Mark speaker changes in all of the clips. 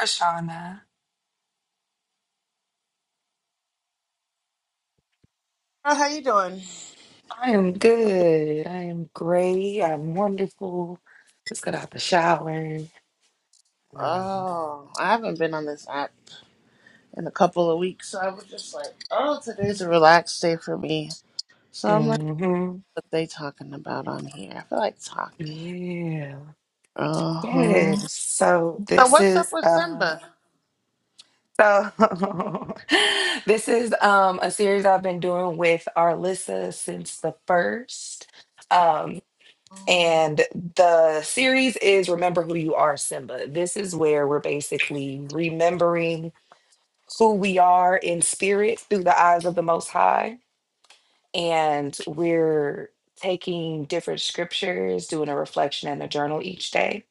Speaker 1: Ashana.
Speaker 2: Oh, how you doing?
Speaker 1: I am good. I am great. I'm wonderful. Just got out the shower. Um,
Speaker 2: Oh, I haven't been on this app in a couple of weeks, so I was just like, oh, today's a relaxed day for me. So I'm like,
Speaker 1: mhm.
Speaker 2: what they talking about on here? I feel like talking.
Speaker 1: Yeah.
Speaker 2: Uh huh.
Speaker 1: Yes. So
Speaker 2: So
Speaker 1: this
Speaker 2: what's up
Speaker 1: is
Speaker 2: with
Speaker 1: um
Speaker 2: Simba?
Speaker 1: so this is um a series I've been doing with Arlissa since the first. Um
Speaker 2: Oh,
Speaker 1: and the series is Remember Who You Are, Simba. This is where we're basically remembering who we are in spirit through the eyes of the Most High. And we're taking different scriptures, doing a reflection and a journal each day.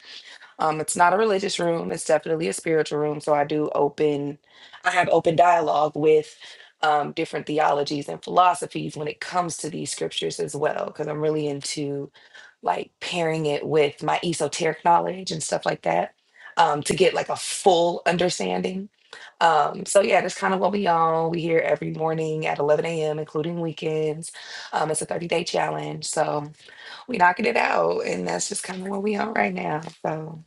Speaker 1: Um, it's not a religious room, it's definitely a spiritual room. So I do open, I have open dialogue with. Um, different theologies and philosophies when it comes to these scriptures as well, because I'm really into like pairing it with my esoteric knowledge and stuff like that um, to get like a full understanding. Um, so yeah, that's kind of what we on. We here every morning at 11 a.m., including weekends. Um, it's a 30 day challenge, so we knocking it out, and that's just kind of what we on right now. So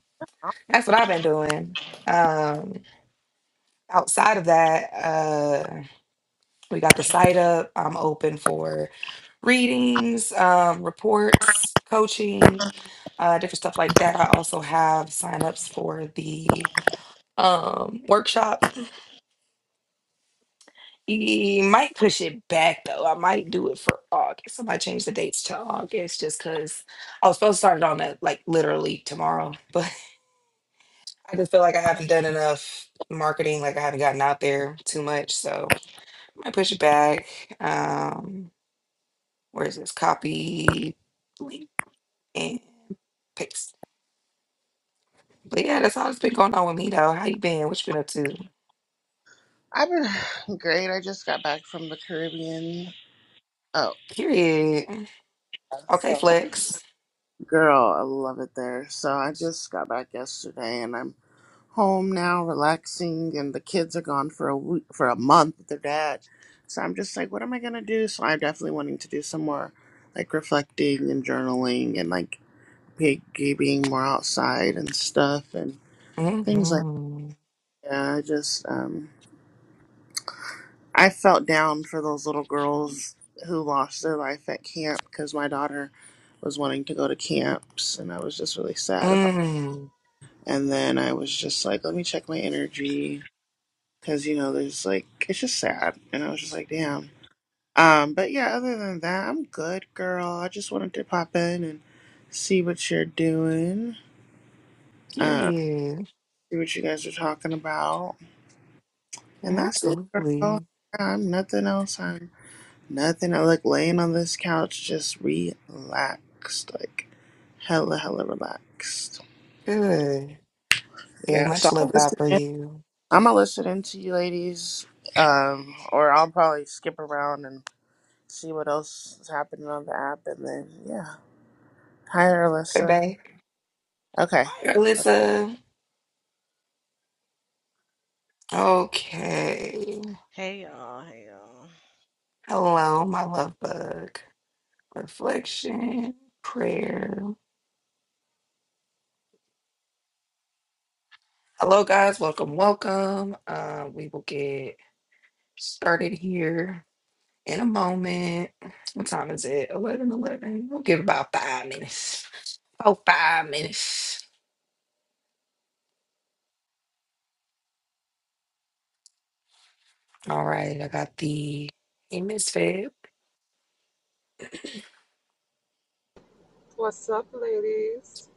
Speaker 1: that's what I've been doing. Um, outside of that, uh, we got the site up. I'm open for readings, um, reports, coaching uh, different stuff like that. I also have signups for the um, workshop. E- might push it back though. I might do it for August. I might change the dates to August just because I was supposed to start it on it like literally tomorrow, but I just feel like I haven't done enough marketing. Like I haven't gotten out there too much, so I might push it back. Um, where is this copy link and paste? But yeah, that's all that's been going on with me though. How you been? What you been up to?
Speaker 2: I've been great. I just got back from the Caribbean. Oh,
Speaker 1: Period. Okay,
Speaker 2: so
Speaker 1: flex.
Speaker 2: Girl, I love it there. So I just got back yesterday and I'm home now relaxing and the kids are gone for a week for a month with their dad. So I'm just like, what am I gonna do? So I'm definitely wanting to do some more like reflecting and journaling and like piggy being more outside and stuff and things like
Speaker 1: Mm-hmm.
Speaker 2: that. I just um I felt down for those little girls who lost their life at camp because my daughter was wanting to go to camps and I was just really sad about
Speaker 1: Mm,
Speaker 2: And then I was just like, let me check my energy. Cause you know, there's like, it's just sad. And I was just like, damn. Um, but yeah, other than that, I'm good, girl. I just wanted to pop in and see what you're doing. Uh,
Speaker 1: period.
Speaker 2: see what you guys are talking about. And
Speaker 1: Yeah,
Speaker 2: that's it, girl.
Speaker 1: absolutely.
Speaker 2: Yeah, I'm nothing else. I'm nothing. I like laying on this couch, just relaxed, like hella, hella relaxed.
Speaker 1: Good. Very
Speaker 2: Yeah. So
Speaker 1: much
Speaker 2: I'll
Speaker 1: love that
Speaker 2: listen.
Speaker 1: for
Speaker 2: in.
Speaker 1: you.
Speaker 2: I'm gonna listen into you ladies, um, or I'll probably skip around and see what else is happening on the app, and then yeah. Hi,
Speaker 1: Okay,
Speaker 2: Alyssa.
Speaker 1: babe.
Speaker 2: Okay.
Speaker 1: Hi, Alyssa. Okay.
Speaker 3: Hey y'all, hey y'all.
Speaker 1: Hello, my love bug. Reflection, prayer. Hello, guys. Welcome, welcome. Uh, we will get started here in a moment. What time is it? 11, 11. We'll give about five minutes. Oh, five minutes. All right, I got the hey misfit
Speaker 4: What's up, ladies?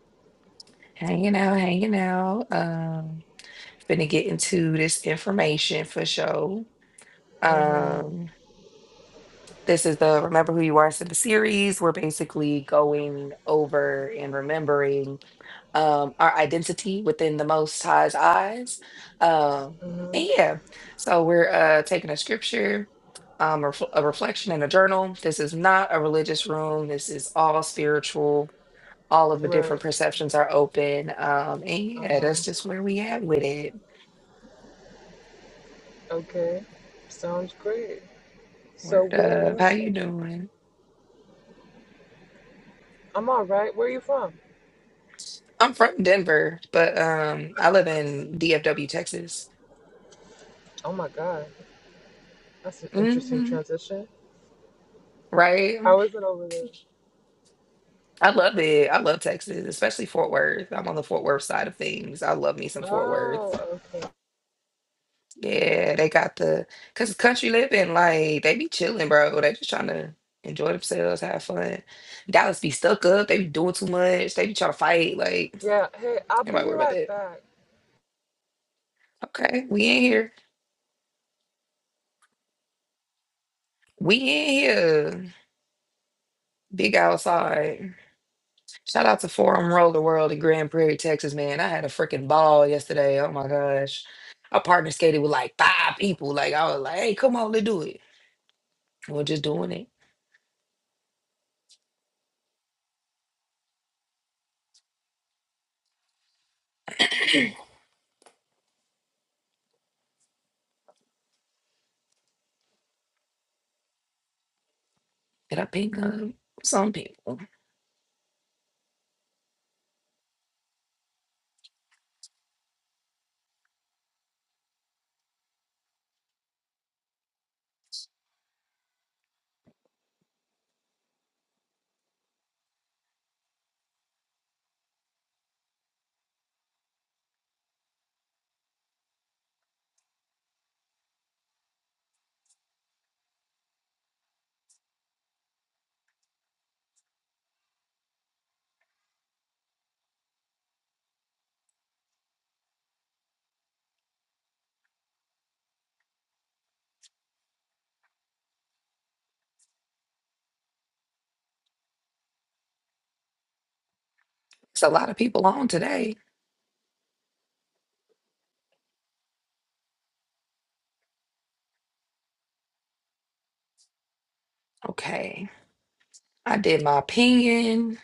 Speaker 1: hanging out, hanging out. Um, finna get into this information for sure.
Speaker 4: Mm-hmm.
Speaker 1: Um, this is the Remember Who You Are so the series. We're basically going over and remembering um our identity within the Most High's eyes. Um,
Speaker 4: Mm-hmm.
Speaker 1: and yeah, so we're uh taking a scripture. Um, a refl- a reflection and a journal. This is not a religious room. This is all spiritual all of the
Speaker 4: Right.
Speaker 1: different perceptions are open. Um, and yeah,
Speaker 4: Uh-huh.
Speaker 1: that's just where we at with it.
Speaker 4: Okay. Sounds great. So
Speaker 1: Word
Speaker 4: where are
Speaker 1: up.
Speaker 4: you
Speaker 1: How
Speaker 4: from?
Speaker 1: you doing?
Speaker 4: I'm all right. Where are you from?
Speaker 1: I'm from Denver, but um, I live in DFW, Texas.
Speaker 4: Oh my god. That's an interesting
Speaker 1: hmm
Speaker 4: transition.
Speaker 1: Right.
Speaker 4: I wasn't over there.
Speaker 1: I love it. I love Texas, especially Fort Worth. I'm on the Fort Worth side of things. I love me some Fort Worth.
Speaker 4: Oh, okay.
Speaker 1: Yeah, they got the cause country living, like they be chilling, bro. They just trying to enjoy themselves, have fun. Dallas be stuck up. They be doing too much. They be trying to fight. Like,
Speaker 4: Yeah, hey, I'll
Speaker 1: everybody
Speaker 4: be
Speaker 1: worry about
Speaker 4: right
Speaker 1: that.
Speaker 4: back.
Speaker 1: Okay, we in here. We in here. Big outside. Shout out to Forum Roller World in Grand Prairie, Texas, man. I had a freaking ball yesterday. Oh my gosh. I partner skated with like five people. Like I was like, hey, come on, let's do it. We're just doing it. Did I ping um, some people? It's a lot of people on today. Okay. I did my opinion.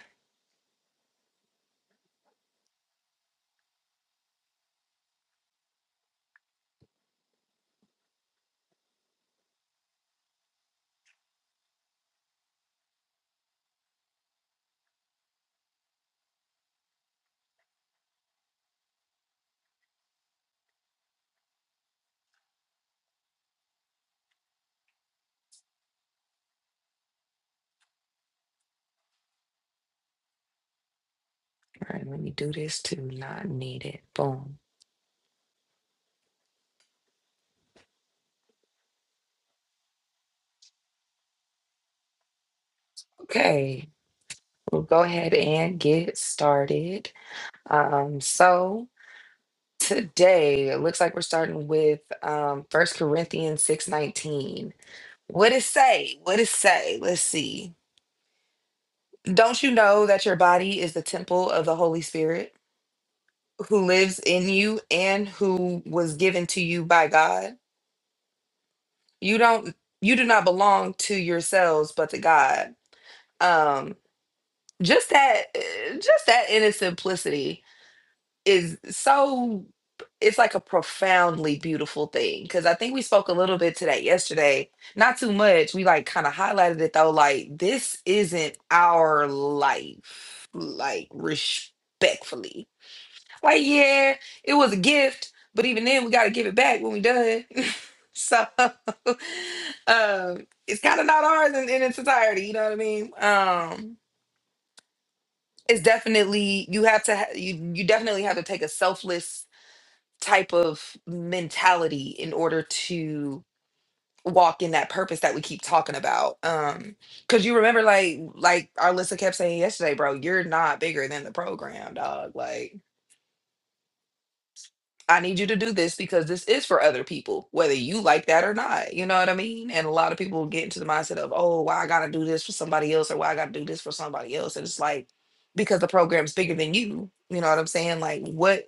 Speaker 1: All right, let me do this too. Not needed. Boom. Okay. We'll go ahead and get started. Um, so Today, it looks like we're starting with um First Corinthians 6:19. What it say? What it say? Let's see. Don't you know that your body is the temple of the Holy Spirit who lives in you and who was given to you by God? You don't you do not belong to yourselves but to God. Um just that uh, just that in its simplicity is so it's like a profoundly beautiful thing because I think we spoke a little bit to that yesterday. Not too much. We like kind of highlighted it though. Like this isn't our life. Like respectfully. Like yeah, it was a gift, but even then we got to give it back when we done. so um, it's kind of not ours in, in its entirety. You know what I mean? Um, it's definitely you have to ha- you you definitely have to take a selfless type of mentality in order to walk in that purpose that we keep talking about um because you remember like like our Lisa kept saying yesterday bro you're not bigger than the program dog like i need you to do this because this is for other people whether you like that or not you know what i mean and a lot of people get into the mindset of oh why i gotta do this for somebody else or why i gotta do this for somebody else and it's like because the program's bigger than you you know what i'm saying like what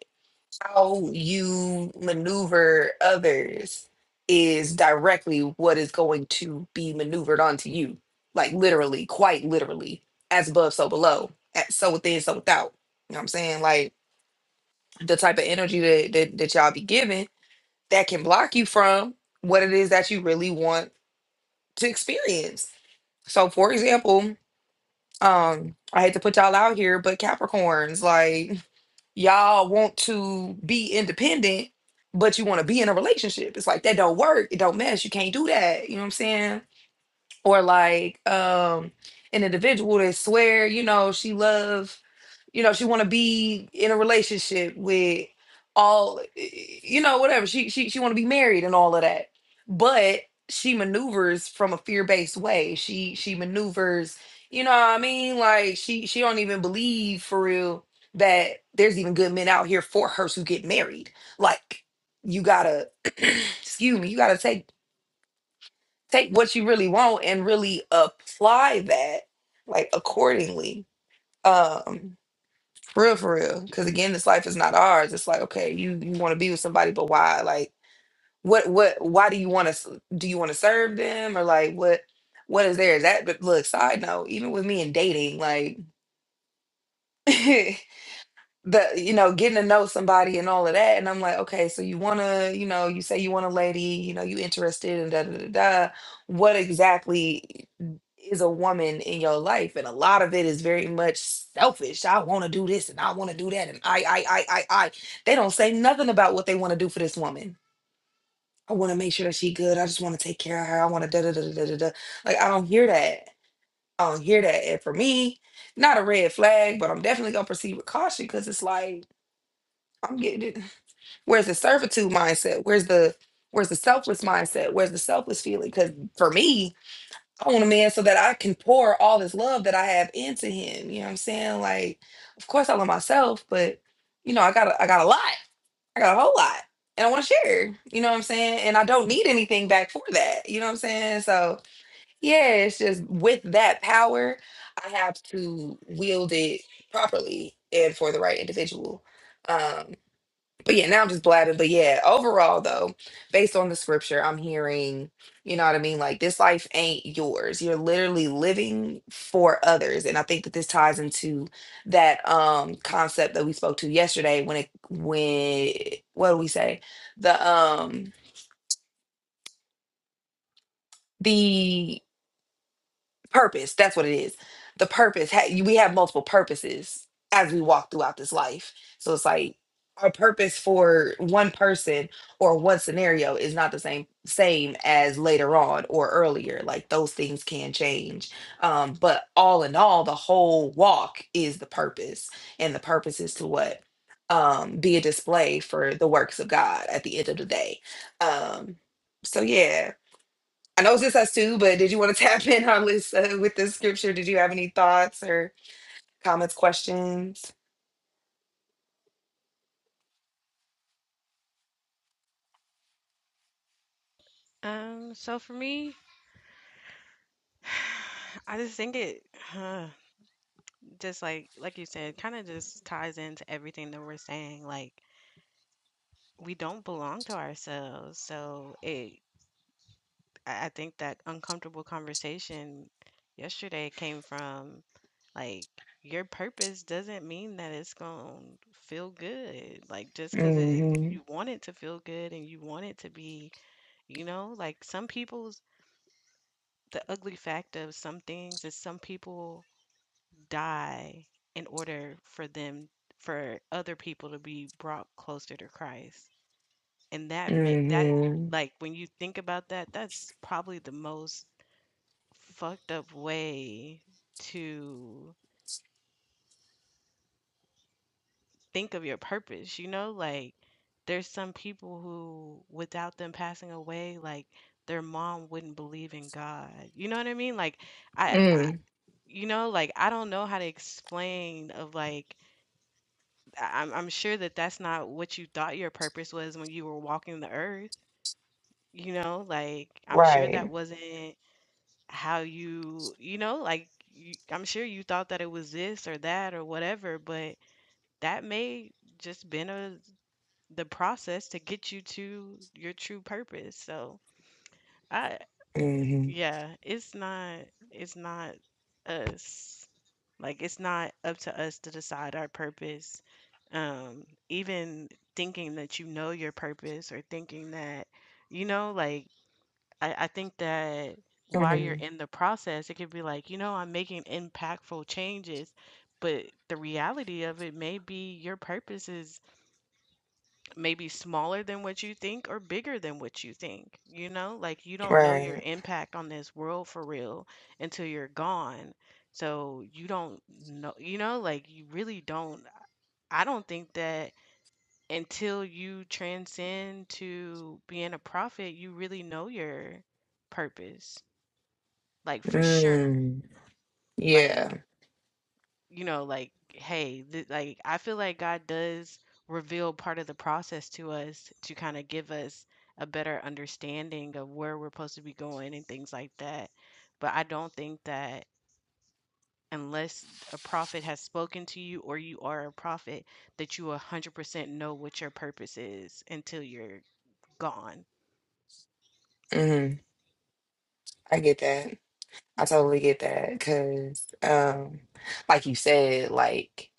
Speaker 1: how you maneuver others is directly what is going to be maneuvered onto you. Like literally, quite literally, as above, so below, at so within, so without. You know what I'm saying? Like the type of energy that, that, that y'all be giving that can block you from what it is that you really want to experience. So for example, um, I hate to put y'all out here, but Capricorns, like Y'all want to be independent, but you want to be in a relationship. It's like that don't work. It don't mesh. You can't do that. You know what I'm saying? or like um an individual that swear you know she love you know she want to be in a relationship with all eh, you know whatever she she, she want to be married and all of that but she maneuvers from a fear-based way she she maneuvers you know what i mean like she she don't even believe for real that there's even good men out here for her to get married like you gotta excuse me you gotta take take what you really want and really apply that like accordingly. Um, for real for real. Cause again, this life is not ours. It's like, okay, you you want to be with somebody, but why? Like what what why do you want to do you want to serve them or like what what is there? Is that but look, side note, even with me and dating, like the you know getting to know somebody and all of that and i'm like okay so you want to you know you say you want a lady you know you interested and da da da da what exactly is a woman in your life and a lot of it is very much selfish i want to do this and i want to do that and i i i i i they don't say nothing about what they want to do for this woman i want to make sure that she good i just want to take care of her i want to da da da da da da like i don't hear that i don't hear that and for me not a red flag but i'm definitely gonna proceed with caution because it's like I'm getting it. Where's the servitude mindset? Where's the where's the selfless mindset? Where's the selfless feeling? Because for me, I want a man so that I can pour all this love that I have into him. You know what I'm saying? Like, of course I love myself, but you know, I got a, I got a lot. I got a whole lot. And I want to share. You know what I'm saying? And I don't need anything back for that. You know what I'm saying? So yeah, it's just with that power, I have to wield it properly and for the right individual. Um, but yeah, now I'm just blabbing. But yeah, overall though, based on the scripture, I'm hearing, you know what I mean? Like this life ain't yours. You're literally living for others. And I think that this ties into that um concept that we spoke to yesterday when it when what do we say? The um the purpose that's what it is the purpose ha- we have multiple purposes as we walk throughout this life so it's like our purpose for one person or one scenario is not the same same as later on or earlier like those things can change um but all in all the whole walk is the purpose and the purpose is to what um be a display for the works of god at the end of the day um so yeah I know this us too, but did you want to tap in on this uh, with this scripture? Did you have any thoughts or comments, questions?
Speaker 3: Um, so for me, I just think it huh, just like like you said, kind of just ties into everything that we're saying. Like we don't belong to ourselves, so it. I I think that uncomfortable conversation yesterday came from like your purpose doesn't mean that it's gonna feel good. Like just because it
Speaker 1: Mm-hmm.
Speaker 3: you want it to feel good and you want it to be, you know, like some people's the ugly fact of some things is some people die in order for them for other people to be brought closer to Christ. And that make that
Speaker 1: Mm-hmm.
Speaker 3: like when you think about that, that's probably the most fucked up way to think of your purpose, you know? Like there's some people who without them passing away, like their mom wouldn't believe in God. You know what I mean? Like I, I
Speaker 1: Mm.
Speaker 3: you know like i don't know how to explain of like I- I'm, I'm sure that that's not what you thought your purpose was when you were walking the earth you know like i'm sure that
Speaker 1: Right.
Speaker 3: wasn't how you you know like you, i'm sure you thought that it was this or that or whatever but that may just been a the process to get you to your true purpose so I,
Speaker 1: Mm-hmm.
Speaker 3: Yeah, it's not it's not us. Like it's not up to us to decide our purpose. Um, even thinking that you know your purpose or thinking that, you know, like I, I think that while you're
Speaker 1: Mm-hmm.
Speaker 3: in the process, it could be like, you know, I'm making impactful changes, but the reality of it may be your purpose is maybe smaller than what you think or bigger than what you think. You know, like you don't know your
Speaker 1: Right.
Speaker 3: impact on this world for real until you're gone. So you don't know, you know, like you really don't. I don't think that until you transcend to being a prophet, you really know your purpose, like for sure.
Speaker 1: Mm. Yeah.
Speaker 3: Like, you know, like, hey, th- like I feel like God does reveal part of the process to us to kind of give us a better understanding of where we're supposed to be going and things like that. But I don't think that unless a prophet has spoken to you or you are a prophet, that you 100% know what your purpose is until you're gone.
Speaker 1: Mm-hmm. I get that. I totally get that. Cause um, like you said, like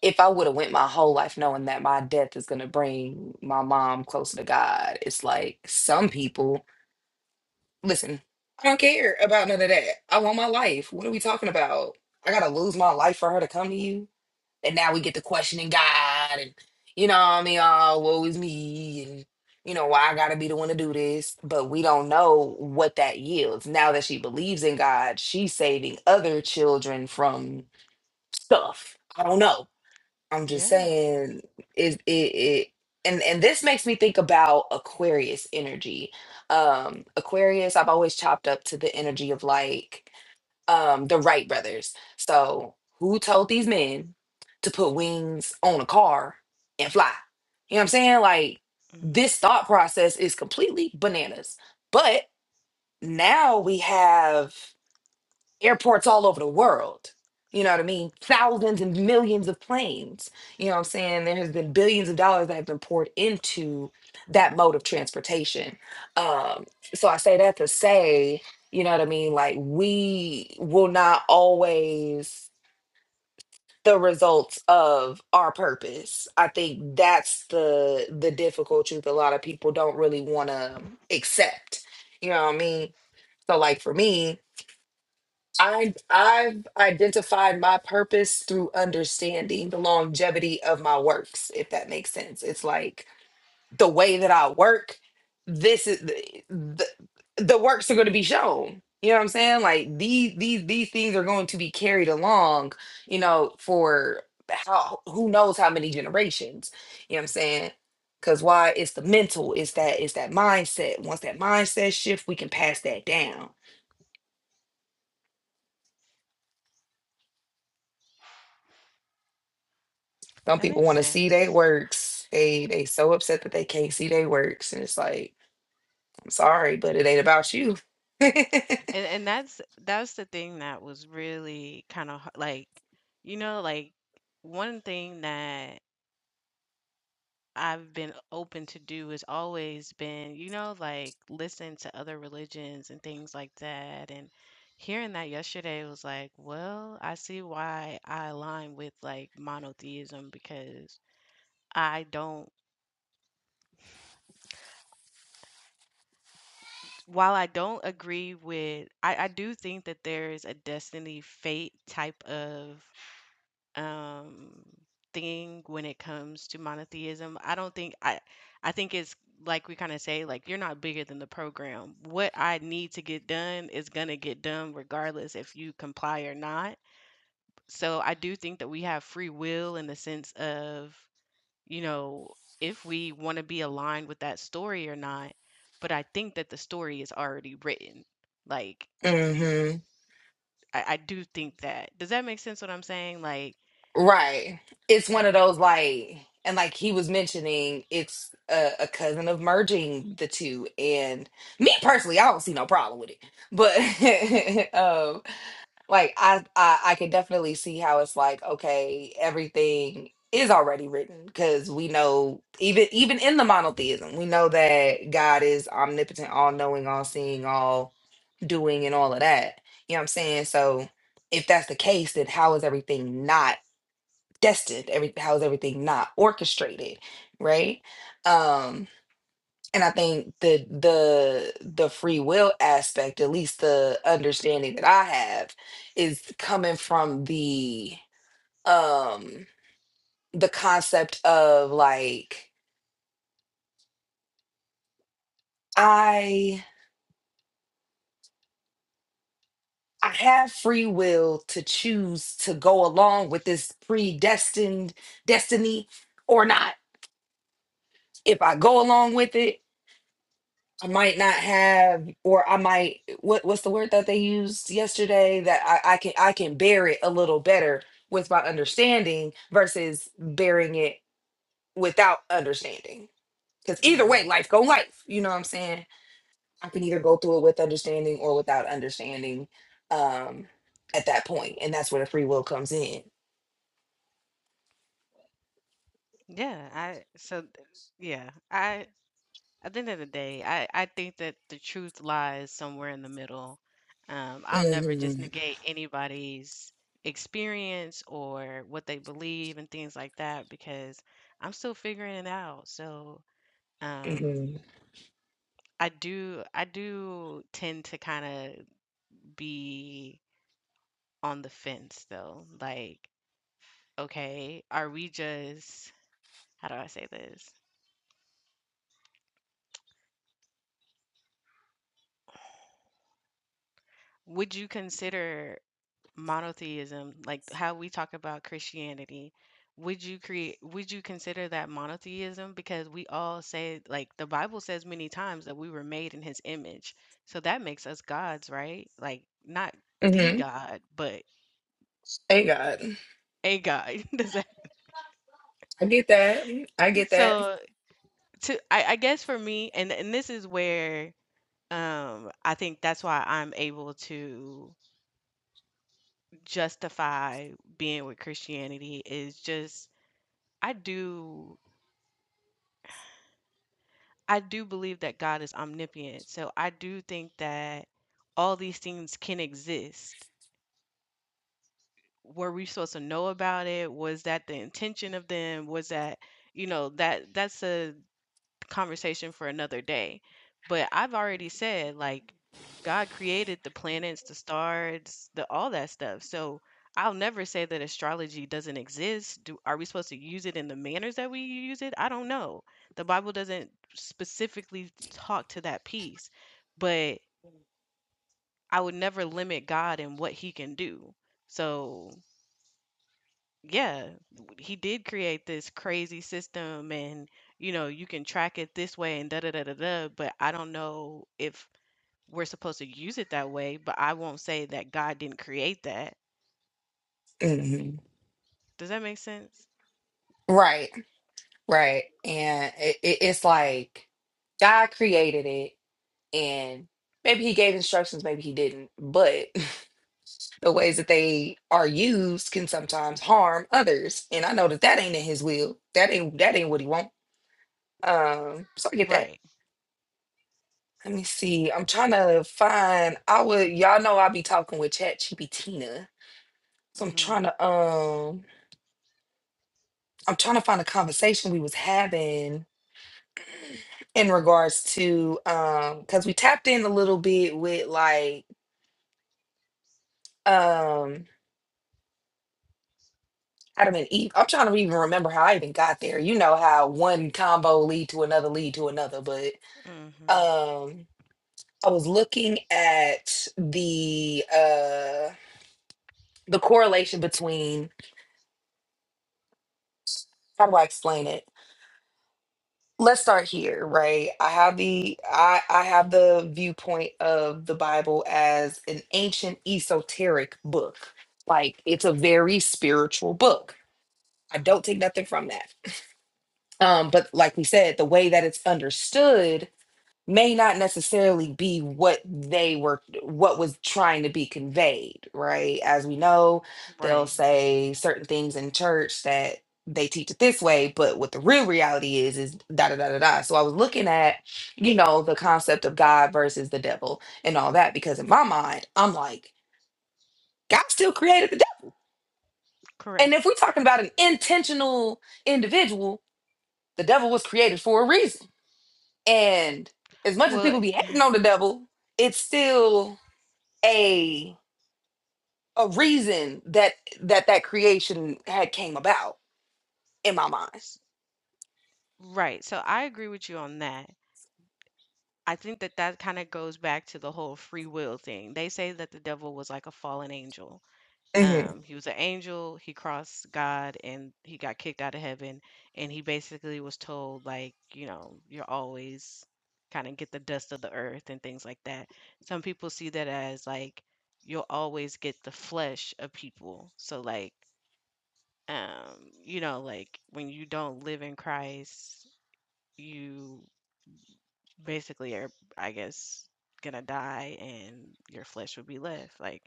Speaker 1: if I would have went my whole life knowing that my death is gonna bring my mom closer to God, it's like some people Listen, I don't care about none of that. I want my life. What are we talking about? I gotta lose my life for her to come to you. And now we get to questioning God and you know what I mean, oh, woe is me and you know why I gotta be the one to do this. But we don't know what that yields. Now that she believes in God, she's saving other children from stuff. I don't know. I'm just
Speaker 3: Yeah.
Speaker 1: saying it it, it and and this makes me think about Aquarius energy. Um Aquarius I've always chopped up to the energy of like um the Wright brothers. So who told these men to put wings on a car and fly? You know what I'm saying? Like
Speaker 3: hmm
Speaker 1: this thought process is completely bananas. But now we have airports all over the world. You know what I mean? Thousands and millions of planes. You know what I'm saying? There has been billions of dollars that have been poured into that mode of transportation. Um, so I say that to say, you know what I mean? Like we will not always the results of our purpose. I think that's the the difficult truth a lot of people don't really want to accept. You know what I mean? So like for me, I I've identified my purpose through understanding the longevity of my works, if that makes sense. It's like the way that I work, this is the the, the works are going to be shown. You know what I'm saying? Like these these these things are going to be carried along, you know, for how who knows how many generations. You know what I'm saying? Cause why it's the mental, it's that it's that mindset. Once that mindset shift, we can pass that down Some
Speaker 3: That
Speaker 1: people
Speaker 3: makes
Speaker 1: want to see
Speaker 3: sense.
Speaker 1: their works. They they so upset that they can't see their works, and it's like, I'm sorry, but it ain't about you.
Speaker 3: And and that's that's the thing that was really kind of like, you know, like one thing that I've been open to do has always been, you know, like listen to other religions and things like that. And hearing that yesterday was like, well, I see why I align with like monotheism because I don't, while I don't agree with, I, I do think that there is a destiny fate type of um thing when it comes to monotheism. I don't think I I think it's like we kind of say like you're not bigger than the program. What I need to get done is going to get done regardless if you comply or not. So I do think that we have free will in the sense of, you know, if we want to be aligned with that story or not, but I think that the story is already written. Like
Speaker 1: hmm
Speaker 3: I, I do think that. Does that make sense what I'm saying? Like
Speaker 1: Right. It's one of those like, and like he was mentioning, it's a, a cousin of merging the two. And me personally, I don't see no problem with it. But like I, I i could definitely see how it's like okay everything is already written because we know even even in the monotheism we know that god is omnipotent all knowing all seeing all doing and all of that you know what i'm saying so if that's the case then how is everything not destined every how is everything not orchestrated right Um, and I think the the the free will aspect, at least the understanding that I have, is coming from the um the concept of like I I have free will to choose to go along with this predestined destiny or not. If I go along with it, I might not have, or I might what what's the word that they used yesterday that I, I can I can bear it a little better with my understanding versus bearing it without understanding. Because either
Speaker 3: hmm
Speaker 1: way, life go life. You know what I'm saying? I can either go through it with understanding or without understanding um at that point, And that's where the free will comes in.
Speaker 3: Yeah, I so th- yeah, I at the end of the day, I I think that the truth lies somewhere in the middle. Um, I'll never just
Speaker 1: hmm
Speaker 3: negate anybody's experience or what they believe and things like that because I'm still figuring it out. So, um,
Speaker 1: hmm
Speaker 3: I do I do tend to kind of be on the fence though. Like, okay, are we just how do I say this? Would you consider monotheism, like how we talk about Christianity, would you create would you consider that monotheism? Because we all say like the Bible says many times that we were made in his image. So that makes us gods, right? Like not the
Speaker 1: hmm
Speaker 3: God, but
Speaker 1: Hey God.
Speaker 3: a God. Does that
Speaker 1: I get that. I get that.
Speaker 3: so to I, I guess for me and and this is where um I think that's why I'm able to justify being with Christianity is just I do I do believe that God is omnipotent. So I do think that all these things can exist. Were we supposed to know about it? Was that the intention of them? Was that, you know, that that's a conversation for another day. But I've already said like God created the planets, the stars, the all that stuff. So I'll never say that astrology doesn't exist. Do are we supposed to use it in the manners that we use it? I don't know. The Bible doesn't specifically talk to that piece, but I would never limit God and what he can do. So yeah, w- he did create this crazy system and you know, you can track it this way and da da da da da, but I don't know if we're supposed to use it that way, but I won't say that God didn't create that.
Speaker 1: hmm
Speaker 3: Does that make sense?
Speaker 1: Right. Right. And it, it, it's like God created it, and maybe He gave instructions, maybe He didn't, but the ways that they are used can sometimes harm others. And I know that that ain't in His will. That ain't that ain't what He want. Um, so I get that.
Speaker 3: Right.
Speaker 1: Let me see. I'm trying to find. I would. Y'all know I be talking with Chat GPT. So I'm
Speaker 3: Mhm.
Speaker 1: trying to. Um, I'm trying to find a conversation we was having in regards to um because we tapped in a little bit with like um Adam and Eve. I'm trying to even remember how I even got there. You know how one combo lead to another lead to another, but
Speaker 3: Mhm.
Speaker 1: um I was looking at the uh the correlation between how do I explain it? let's start here right i have the i i have the viewpoint of the bible as an ancient esoteric book like it's a
Speaker 3: Mhm.
Speaker 1: very spiritual book i
Speaker 3: Mhm.
Speaker 1: don't take nothing from that um but like we said the way that it's understood may not necessarily be what they were what was trying to be conveyed right as we know they'll
Speaker 3: Right.
Speaker 1: say certain things in church that they teach it this way but what the real reality is is da da da da da so i was looking at you know the concept of god versus the devil and all that because in my mind i'm like god still created the devil and
Speaker 3: Correct.
Speaker 1: if we're talking about an intentional individual the devil was created for a reason and as much as
Speaker 3: Well,
Speaker 1: people be
Speaker 3: it-
Speaker 1: hating on the devil it's still a a reason that that that creation had came about in my mind
Speaker 3: s- right. So I agree with you on that. I think that that kind of goes back to the whole free will thing. They say that the devil was like a fallen angel
Speaker 1: Mm-hmm.
Speaker 3: Um, he was an angel. He crossed God and he got kicked out of heaven. And he basically was told, like, you know, you're always kind of get the dust of the earth and things like that. Some people see that as like you'll always get the flesh of people. So like, um, you know, like when you don't live in Christ, you basically are, I guess, gonna die and your flesh will be left. Like,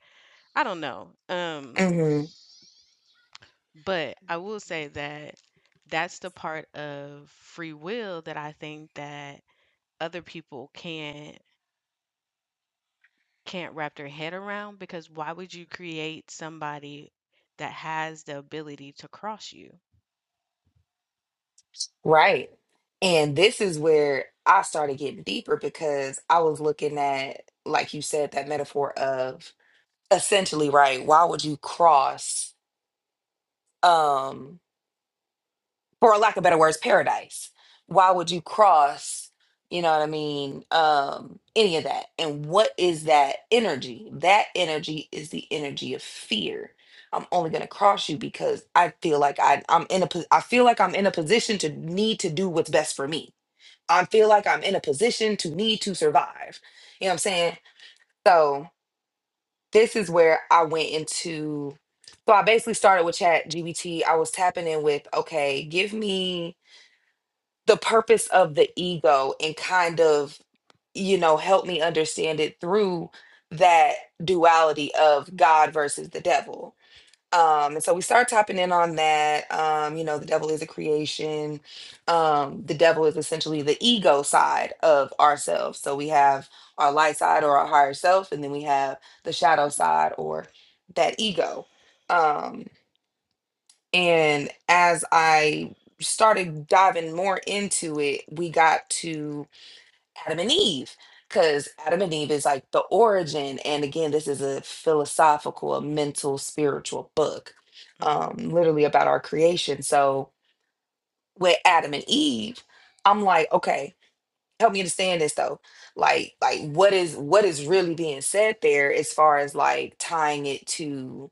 Speaker 3: I don't know. Um
Speaker 1: Mm-hmm.
Speaker 3: But I will say that that's the part of free will that I think that other people can't can't wrap their head around because why would you create somebody that has the ability to cross you?
Speaker 1: right and this is where i started getting deeper because i was looking at like you said that metaphor of essentially right why would you cross um for lack of better words, paradise. Why would you cross, you know what I mean, um, any of that? And what is that energy? That energy is the energy of fear. I'm only gonna cross you because I feel like I, I'm in a po- I feel like I'm in a position to need to do what's best for me. I feel like I'm in a position to need to survive. You know what I'm saying? So this is where I went into so I basically started with chat GBT. I was tapping in with, okay, give me the purpose of the ego and kind of you know help me understand it through that duality of god versus the devil um and so we start tapping in on that um you know the devil is a creation um the devil is essentially the ego side of ourselves so we have our light side or our higher self and then we have the shadow side or that ego Um, and as I started diving more into it, we got to Adam and Eve, because Adam and Eve is like the origin. And again, this is a philosophical, a mental, spiritual book,
Speaker 3: Mhm.
Speaker 1: um, literally about our creation. So with Adam and Eve, I'm like, okay, help me understand this though. Like, like what is what is really being said there as far as like tying it to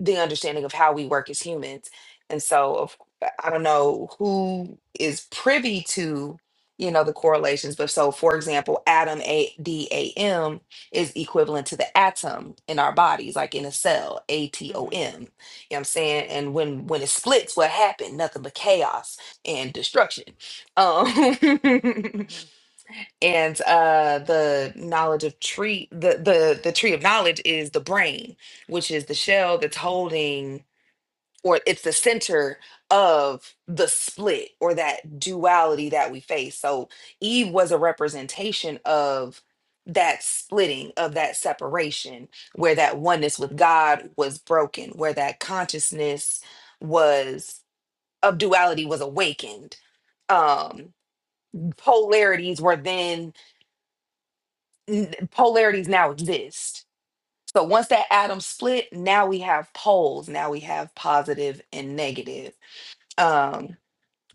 Speaker 1: the understanding of how we work as humans. And so of, I don't know who is privy to, you know, the correlations, but so for example, atom A D A M is equivalent to the atom in our bodies, like in a cell, A T O
Speaker 3: Mhm.
Speaker 1: M. You know what I'm saying? And when when it splits, what happened? Nothing but chaos and destruction. Um
Speaker 3: Mhm.
Speaker 1: and uh the knowledge of tree the the the tree of knowledge is the brain which is the shell that's holding or it's the center of the split or that duality that we face. So Eve was a representation of that splitting, of that separation, where that oneness with God was broken, where that consciousness was of duality was awakened. Um, polarities were then n- polarities now exist. So once that atom split, now we have poles. Now we have positive and negative. Um,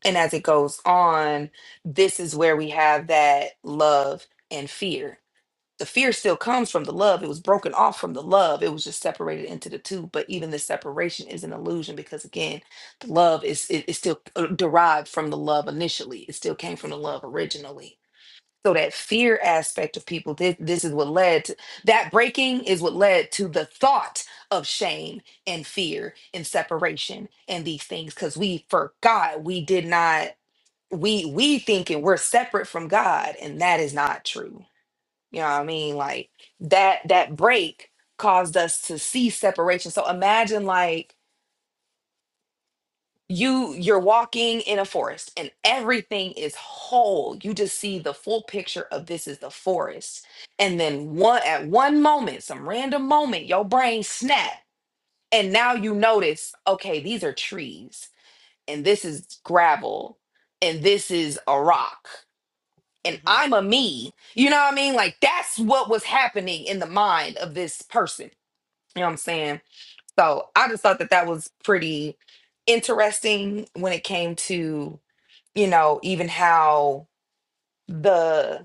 Speaker 1: And as it goes on, this is where we have that love and fear. The fear still comes from the love. It was broken off from the love. It was just separated into the two. But even the separation is an illusion because again, the love is it, it's still uh, derived from the love initially. It still came from the love originally. So that fear aspect of people, this, this is what led to that breaking is what led to the thought of shame and fear and separation and these things because we forgot we did not we we thinking we're separate from God, and that is not true. You know what I mean? Like that that break caused us to see separation. So imagine like you you're walking in a forest and everything is whole. You just see the full picture of this is the forest. And then one at one moment, some random moment, your brain snap and now you notice, okay, these are trees and this is gravel and this is a rock and
Speaker 3: Mhm.
Speaker 1: I'm a me. You know what I mean? Like that's what was happening in the mind of this person. You know what I'm saying? So I just thought that that was pretty interesting when it came to, you know, even how the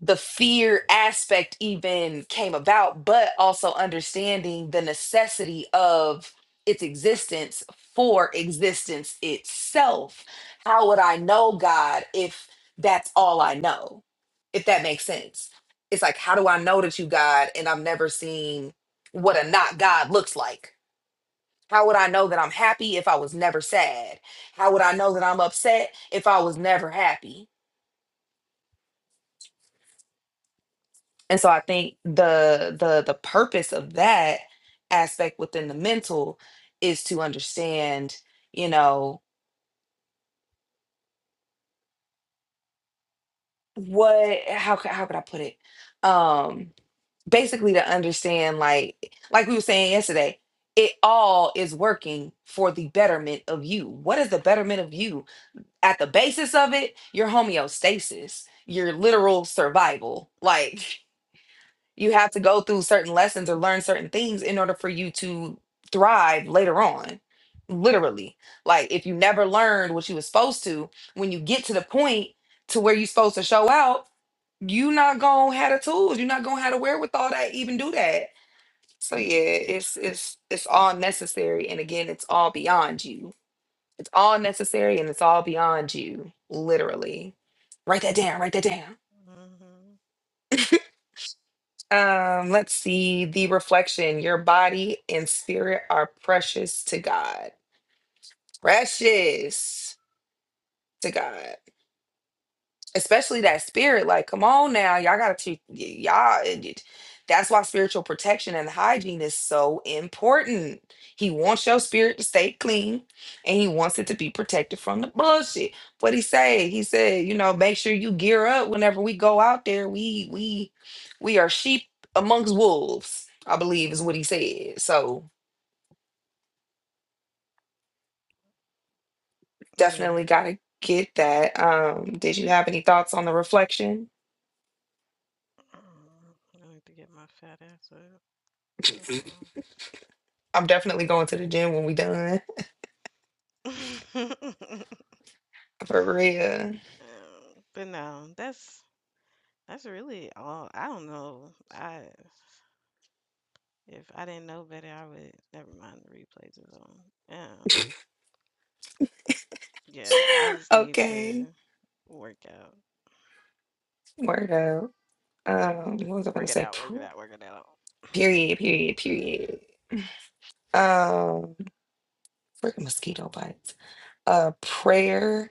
Speaker 1: the fear aspect even came about, but also understanding the necessity of its existence for existence itself. How would I know God if that's all I know? If that makes sense. It's like, how do I know that you God and I've never seen what a not God looks like? How would I know that I'm happy if I was never sad? How would I know that I'm upset if I was never happy? And so I think the the the purpose of that aspect within the mental is to understand, you know, what how c- how could I put it? Um basically to understand like like we were saying yesterday, it all is working for the betterment of you. What is the betterment of you? At the basis of it, your homeostasis, your literal survival. Like You have to go through certain lessons or learn certain things in order for you to thrive later on. Literally. Like if you never learned what you was supposed to, when you get to the point to where you're supposed to show out, you not gonna have the tools. You're not gonna have the wherewithal to even do that. So yeah, it's it's it's all necessary. And again, it's all beyond you. It's all necessary and it's all beyond you. Literally. Write that down, write that down.
Speaker 3: Mhm.
Speaker 1: Um, let's see the reflection. Your body and spirit are precious to God. Precious to God especially that spirit like come on now y'all gotta treat y- y'all it- it- that's why spiritual protection and hygiene is so important he wants your spirit to stay clean and he wants it to be protected from the bullshit what he say he said you know make sure you gear up whenever we go out there we we we are sheep amongst wolves i believe is what he said so
Speaker 3: Yeah.
Speaker 1: definitely gotta get that um did you have any thoughts on the reflection
Speaker 3: Mm, I need to get my fat ass up. That's
Speaker 1: i'm definitely going to the gym when we done
Speaker 3: all.
Speaker 1: For real.
Speaker 3: Um, but no, that's that's really all. I don't know. I if I didn't know better, I would never mind the replays is on. Um, yeah, I just need to
Speaker 1: Okay.
Speaker 3: work out,
Speaker 1: Word up. Um, what was I gonna
Speaker 3: work it
Speaker 1: say?
Speaker 3: out, work it
Speaker 1: Phew.
Speaker 3: out, work it out.
Speaker 1: Period, period, period. Um, freaking mosquito bites. Uh prayer.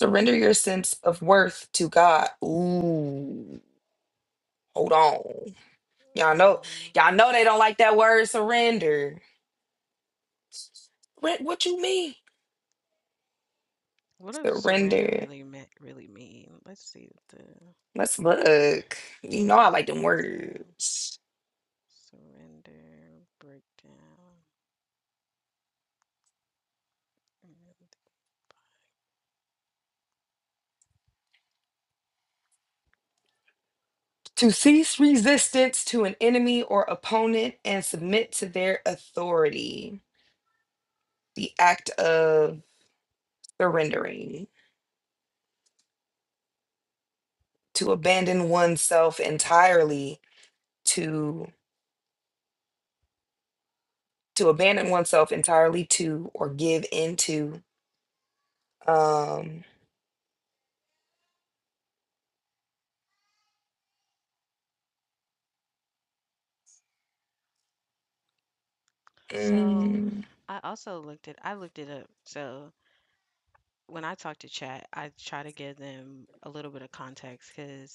Speaker 1: Surrender your sense of worth to God. Ooh, hold on. Y'all know,
Speaker 3: hmm
Speaker 1: y'all know they don't like that word surrender. What what you mean?
Speaker 3: What does surrender
Speaker 1: Surrender.
Speaker 3: really mean, really mean? Let's see what the
Speaker 1: Let's look. You know I
Speaker 3: that's
Speaker 1: like
Speaker 3: what I was
Speaker 1: them
Speaker 3: gonna say.
Speaker 1: words.
Speaker 3: Surrender breakdown.
Speaker 1: to cease resistance to an enemy or opponent and submit to their authority. The act of surrendering, to abandon oneself entirely to to abandon oneself entirely to or give into um
Speaker 3: So
Speaker 1: mm,
Speaker 3: I also looked it I looked it up. So when I talk to chat, I try to give them a little bit of context because.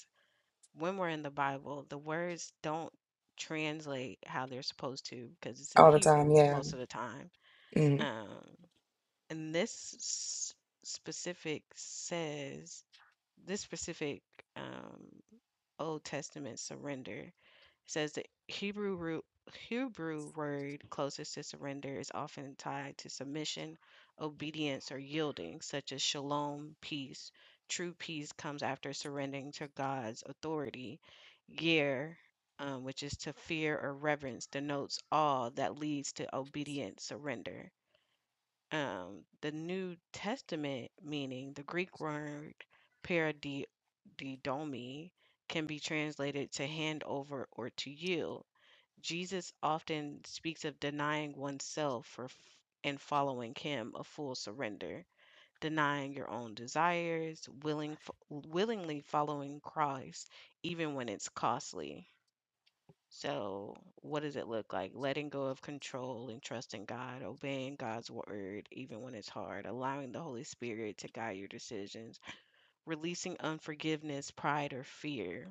Speaker 3: when we're in the Bible, the words don't translate how they're supposed to because it's in
Speaker 1: all the time,
Speaker 3: Hebrew
Speaker 1: yeah.
Speaker 3: most of the time.
Speaker 1: Mm,
Speaker 3: Um, and this s- specific says this specific um, Old Testament surrender says the Hebrew root Hebrew word closest to surrender is often tied to submission, obedience, or yielding, such as shalom, peace. True peace comes after surrendering to God's authority. Yer, um, which is to fear or reverence, denotes awe that leads to obedient surrender. Um, the New Testament meaning, the Greek word paradidomi, can be translated to hand over or to yield Jesus often speaks of denying oneself for f- and following him a full surrender, denying your own desires, willing f- willingly following Christ even when it's costly. So, what does it look like? Letting go of control and trusting God, obeying God's word even when it's hard, allowing the Holy Spirit to guide your decisions, releasing unforgiveness, pride, or fear,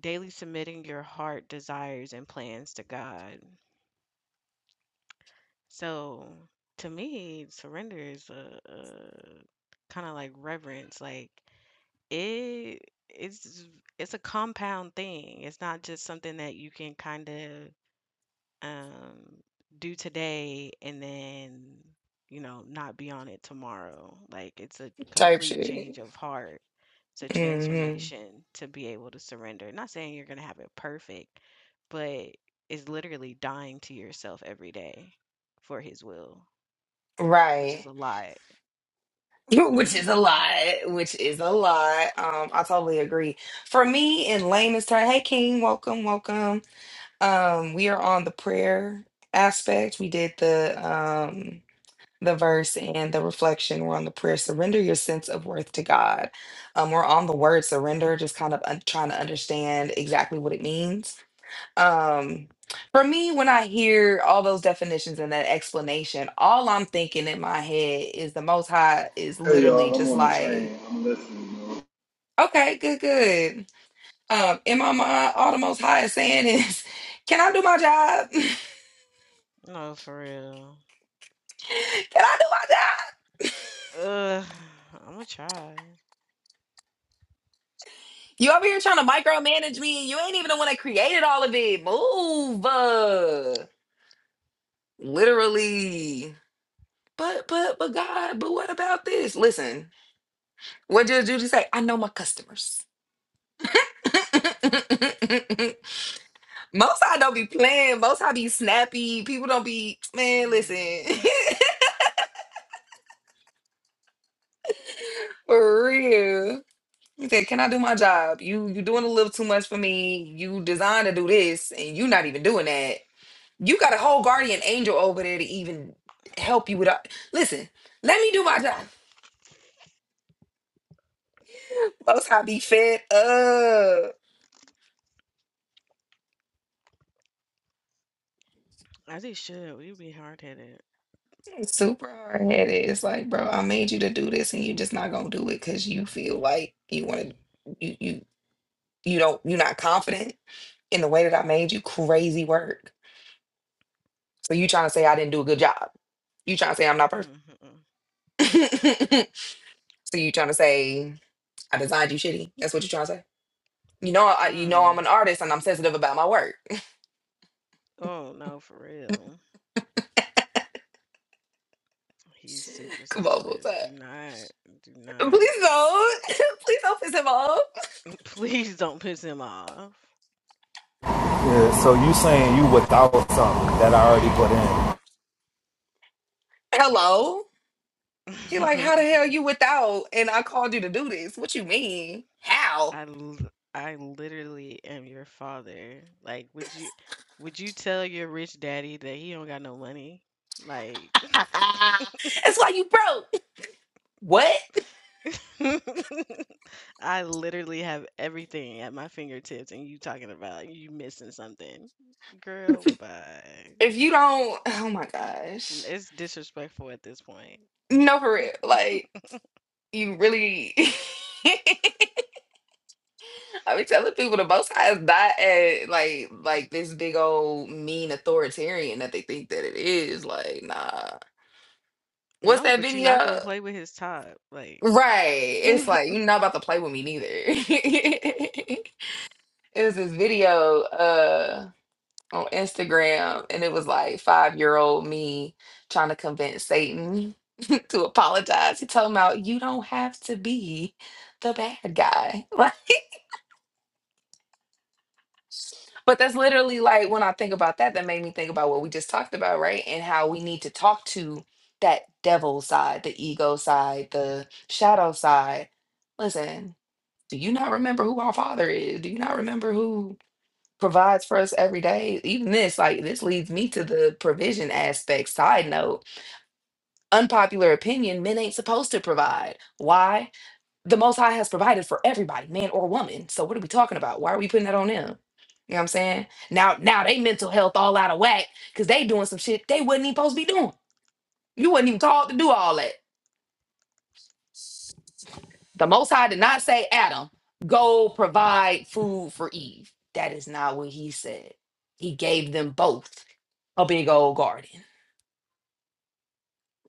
Speaker 3: daily submitting your heart, desires, and plans to God So to me, surrender is a, a kind of like reverence. Like it, it's it's a compound thing. It's not just something that you can kind of um, do today and then you know not be on it tomorrow. Like it's a
Speaker 1: type
Speaker 3: complete change
Speaker 1: shit.
Speaker 3: of heart. It's a
Speaker 1: hmm
Speaker 3: transformation to be able to surrender. Not saying you're gonna have it perfect, but it's literally dying to yourself every day for His will which is
Speaker 1: Right.
Speaker 3: a lot.
Speaker 1: Which is a lot, which is a lot. Um, I totally agree. For me, in layman's terms, hey King, welcome, welcome Um, we are on the prayer aspect. We did the um the verse and the reflection. We're on the prayer. Surrender your sense of worth to God. Um, we're on the word surrender, just kind of un- trying to understand exactly what it means. Um, for me, when I hear all those definitions and that explanation, all I'm thinking in my head is the Most High is
Speaker 5: Hey
Speaker 1: literally
Speaker 5: y'all, I'm
Speaker 1: just
Speaker 5: on the
Speaker 1: like,
Speaker 5: train. I'm listening, bro.
Speaker 1: okay, good, good. Um, in my mind, all the Most High is saying is, can I do my job?
Speaker 3: no, for real.
Speaker 1: Can I do my job?
Speaker 3: Ugh, I'm gonna try.
Speaker 1: You over here trying to micromanage me, and you ain't even the one that created all of it. Move, uh, literally. But but but God, but what about this? Listen, what did Judy say? I know my customers. Most I don't be playing. Most I be snappy. People don't be man.
Speaker 3: Mm.
Speaker 1: Listen, for real. He said, "Can I do my job? You you doing a little too much for me. You designed to do this, and you not even doing that. You got a whole guardian angel over there to even help you with. all- Listen, let me do my job. Most I be fed up.
Speaker 3: As he should. we be hard headed.
Speaker 1: am Super hard headed. It's like, bro, I made you to do this, and you're just not gonna do it because you feel like you want to. You you you don't. You're not confident in the way that I made you. Crazy work. So you trying to say I didn't do a good job? You trying to say I'm not perfect?
Speaker 3: Mm-hmm.
Speaker 1: so you trying to say I designed you shitty? That's what you trying to say? You know, I, you know,
Speaker 3: Mm.
Speaker 1: I'm an artist and I'm sensitive about my work
Speaker 3: Oh no, for real. He's super
Speaker 1: Come on, what's
Speaker 3: sensitive.
Speaker 1: up?
Speaker 3: Do not, do not.
Speaker 1: Please don't. Please don't piss him off.
Speaker 3: Please don't piss him off.
Speaker 5: Yeah, so you saying you without something that I already put in.
Speaker 1: Hello. He like, how the
Speaker 3: I
Speaker 1: hell you without? And I called you to do this. What you mean? How?
Speaker 3: l- I literally am your father. Like, would you would you tell your rich daddy that he don't got no money? Like,
Speaker 1: That's why you broke. What?
Speaker 3: I literally have everything at my fingertips, and you talking about you missing something. Girl, bye.
Speaker 1: If you don't, oh my gosh.
Speaker 3: It's disrespectful at this point.
Speaker 1: No, for real. Like, you really. I be telling people the most high is not at like like this big old mean authoritarian that they think that it is. Like, nah. What's
Speaker 3: No,
Speaker 1: that
Speaker 3: but you're not gonna
Speaker 1: video?
Speaker 3: play with his top. Like,
Speaker 1: Right. It's like
Speaker 3: Mm.
Speaker 1: you're not about to play with me neither. it was this video uh on Instagram and it was like five year old me trying to convince Satan to apologize. He told him out, you don't have to be the bad guy. Like but that's literally like when I think about that, that made me think about what we just talked about, right? And how we need to talk to that devil side, the ego side, the shadow side. Listen. Do you not remember who our Father is? Do you not remember who provides for us every day? Even this, like, this leads me to the provision aspect. Side note unpopular opinion men ain't supposed to provide. Why? The Most High has provided for everybody, man or woman. So, what are we talking about? Why are we putting that on them? You know what I'm saying? Now, now they mental health all out of whack because they doing some shit they wasn't even supposed to be doing. You wasn't even called to do all that. The Most High did not say, Adam, go provide food for Eve. That is not what he said. He gave them both a big old garden.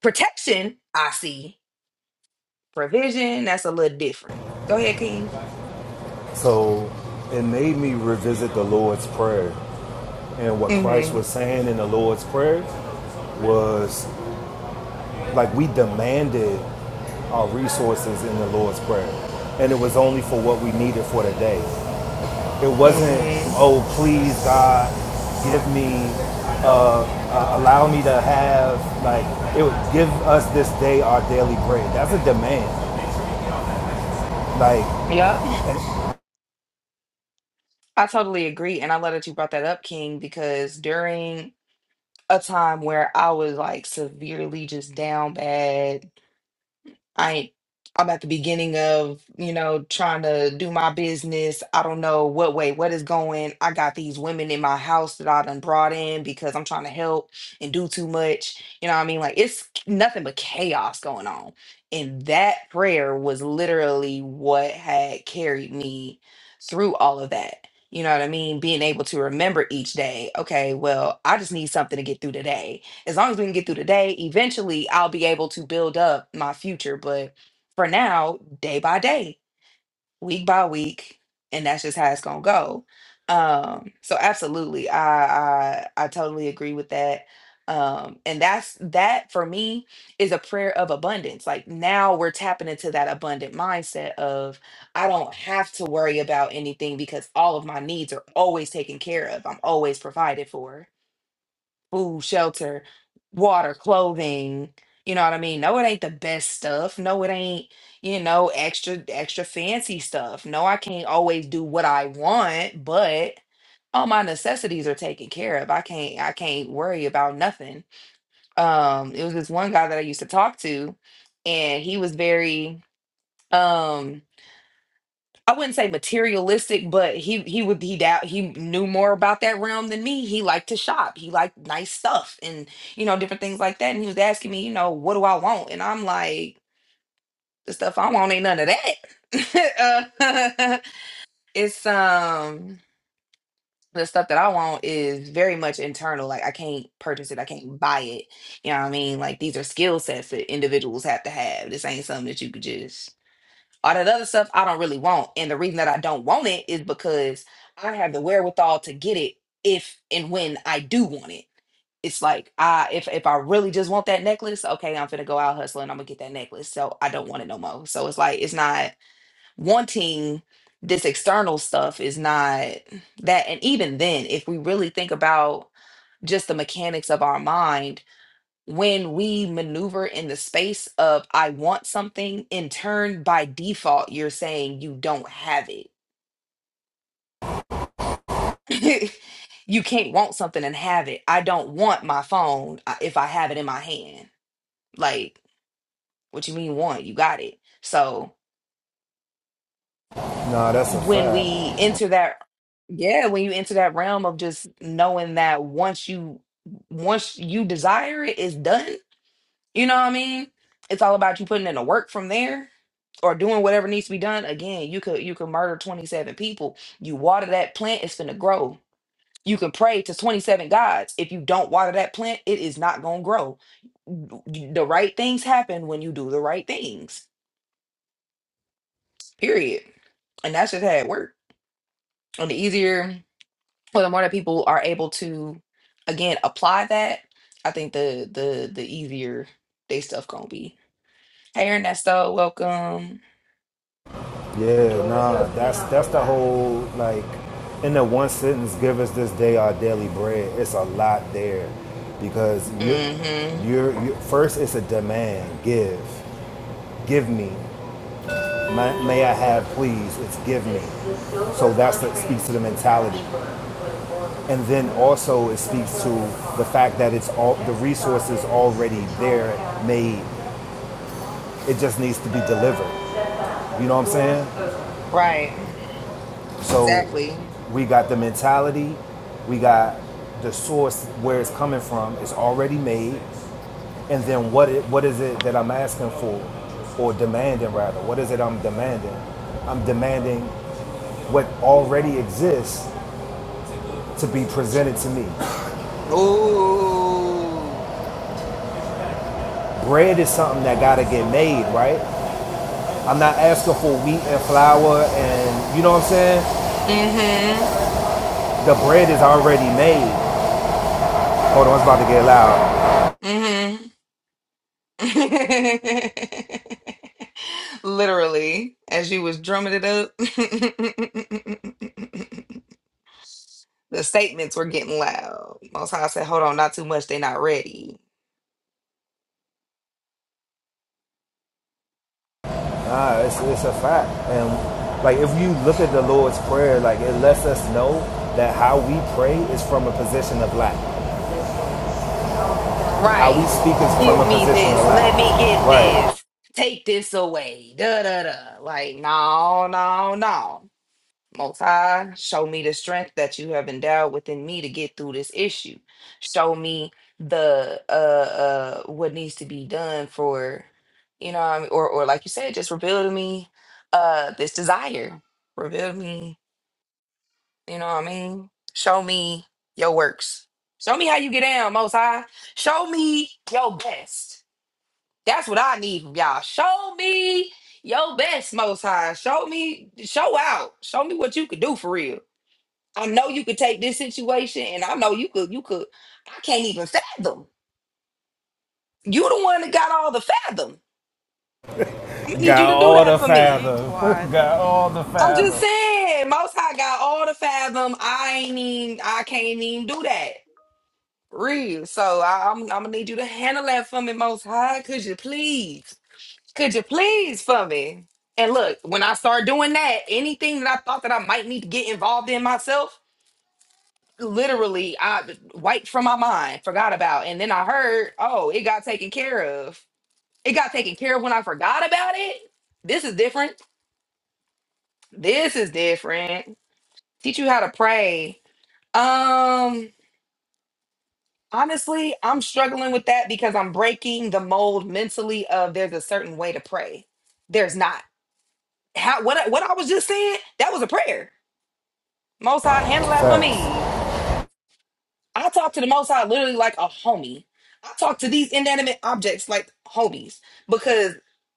Speaker 1: Protection, I see. Provision, that's a little different. Go ahead, King.
Speaker 5: So it made me revisit the Lord's Prayer. And what Christ
Speaker 1: Mm-hmm.
Speaker 5: was saying in the Lord's Prayer was like we demanded our resources in the Lord's Prayer. And it was only for what we needed for the day. It wasn't,
Speaker 1: Mm-hmm.
Speaker 5: oh, please, God, give me, uh, uh, allow me to have, like, it would give us this day our daily bread. That's a demand. Like,
Speaker 1: Yep. I totally agree. And I love that you brought that up, King, because during a time where I was like severely just down bad I ain't I'm at the beginning of, you know, trying to do my business. I don't know what way, what is going. I got these women in my house that I done brought in because I'm trying to help and do too much. You know what I mean? Like it's nothing but chaos going on. And that prayer was literally what had carried me through all of that. You know what I mean? Being able to remember each day, okay, well, I just need something to get through today as long as we can get through the day, eventually I'll be able to build up my future. But for now, day by day, week by week, and that's just how it's gonna go. Um, so absolutely, I I, I totally agree with that. Um, and that's that for me is a prayer of abundance. Like now we're tapping into that abundant mindset of I don't have to worry about anything because all of my needs are always taken care of. I'm always provided for food, shelter, water, clothing. You know what I mean? No, it ain't the best stuff. No, it ain't, you know, extra extra fancy stuff. No, I can't always do what I want, but all my necessities are taken care of. I can't I can't worry about nothing. Um it was this one guy that I used to talk to and he was very um I wouldn't say materialistic, but he he would he doubt he knew more about that realm than me. He liked to shop. He liked nice stuff and you know, different things like that. And he was asking me, you know, what do I want? And I'm like, the stuff I want ain't none of that. Uh, it's um the stuff that I want is very much internal. Like I can't purchase it. I can't buy it. You know what I mean? Like these are skill sets that individuals have to have. This ain't something that you could just all that other stuff I don't really want. And the reason that I don't want it is because I have the wherewithal to get it if and when I do want it. It's like I if if I really just want that necklace, okay, I'm gonna go out hustling, I'm gonna get that necklace. So I don't want it no more. So it's like it's not wanting this external stuff is not that and even then if we really think about just the mechanics of our mind when we maneuver in the space of I want something, in turn, by default, you're saying you don't have it. you can't want something and have it. I don't want my phone uh, if I have it in my hand. Like, what you mean want? You got it. So
Speaker 5: nah, that's a
Speaker 1: when
Speaker 5: fact.
Speaker 1: we enter that, yeah, when you enter that realm of just knowing that once you once you desire it, it's done You know what I mean? It's all about you putting in the work from there or doing whatever needs to be done. Again, you could you could murder 27 people. You water that plant, it's gonna grow. You can pray to 27 gods. If you don't water that plant, it is not gonna grow. You- The right things happen when you do the right things. Period. And that's just how it works. And the easier or the more that people are able to again apply that, I think the the the easier they stuff gonna be. Hey Ernesto, welcome.
Speaker 5: Yeah, nah, that's that's the whole like in the one sentence, give us this day our daily bread. It's a lot there because you
Speaker 1: Mm-hmm.
Speaker 5: you're, you're first it's a demand. Give, give me. May, may I have, please? It's give me. So that's that speaks to the mentality, and then also it speaks to the fact that it's all the resources already there, made. It just needs to be delivered. You know what I'm saying?
Speaker 1: Right.
Speaker 5: So
Speaker 1: Exactly.
Speaker 5: we got the mentality, we got the source where it's coming from. It's already made, and then what it, what is it that I'm asking for, or demanding rather? What is it I'm demanding? I'm demanding what already exists to be presented to me.
Speaker 1: Ooh.
Speaker 5: Bread is something that gotta get made, right? I'm not asking for wheat and flour and you know what I'm saying?
Speaker 1: Mm-hmm.
Speaker 5: The bread is already made. Hold on, it's about to get loud.
Speaker 1: Mm-hmm. Literally, as you was drumming it up, the statements were getting loud. Most High said, hold on, not too much, they not ready.
Speaker 5: Nah, it's, it's a fact. And like if you look at the Lord's Prayer, like it lets us know that how we pray is from a position of lack. How we
Speaker 1: Right.
Speaker 5: speak is from
Speaker 1: Give
Speaker 5: a
Speaker 1: me
Speaker 5: position of
Speaker 1: this. Let me
Speaker 5: lack.
Speaker 1: get
Speaker 5: Right.
Speaker 1: this. Take this away. Da da da. Like, no, no, no. Most High, show me the strength that you have endowed within me to get through this issue. Show me the uh uh what needs to be done for you know what I mean? or or like you said, just reveal to me uh this desire. Reveal to me, you know what I mean? Show me your works. Show me how you get down, Most High. Show me your best. That's what I need from y'all. Show me your best, Most High. Show me, show out. Show me what you could do for real. I know you could take this situation, and I know you could, you could, I can't even fathom. you the one that got all the fathom. I'm gonna need you
Speaker 5: Got
Speaker 1: to do
Speaker 5: all
Speaker 1: that
Speaker 5: the
Speaker 1: for me.
Speaker 3: be
Speaker 5: fathom. Got
Speaker 3: quiet.
Speaker 5: all the
Speaker 1: I'm just
Speaker 5: fathom.
Speaker 1: saying, most high got all the fathom. I ain't even, I can't even do that. Real. So I, I'm, I'm gonna need you to handle that for me, most high. Could you please? Could you please for me? And look, when I start doing that, anything that I thought that I might need to get involved in myself, literally I wiped from my mind, forgot about. And then I heard, oh, it got taken care of. It got taken care of when I forgot about it. This is different. This is different. Teach you how to pray. Um honestly, I'm struggling with that because I'm breaking the mold mentally of there's a certain way to pray. There's not. How what I- what I was just saying, that was a prayer. Most high handle that for
Speaker 5: Facts.
Speaker 1: me. I talk to the Most High literally like a homie. I talk to these inanimate objects like homies because,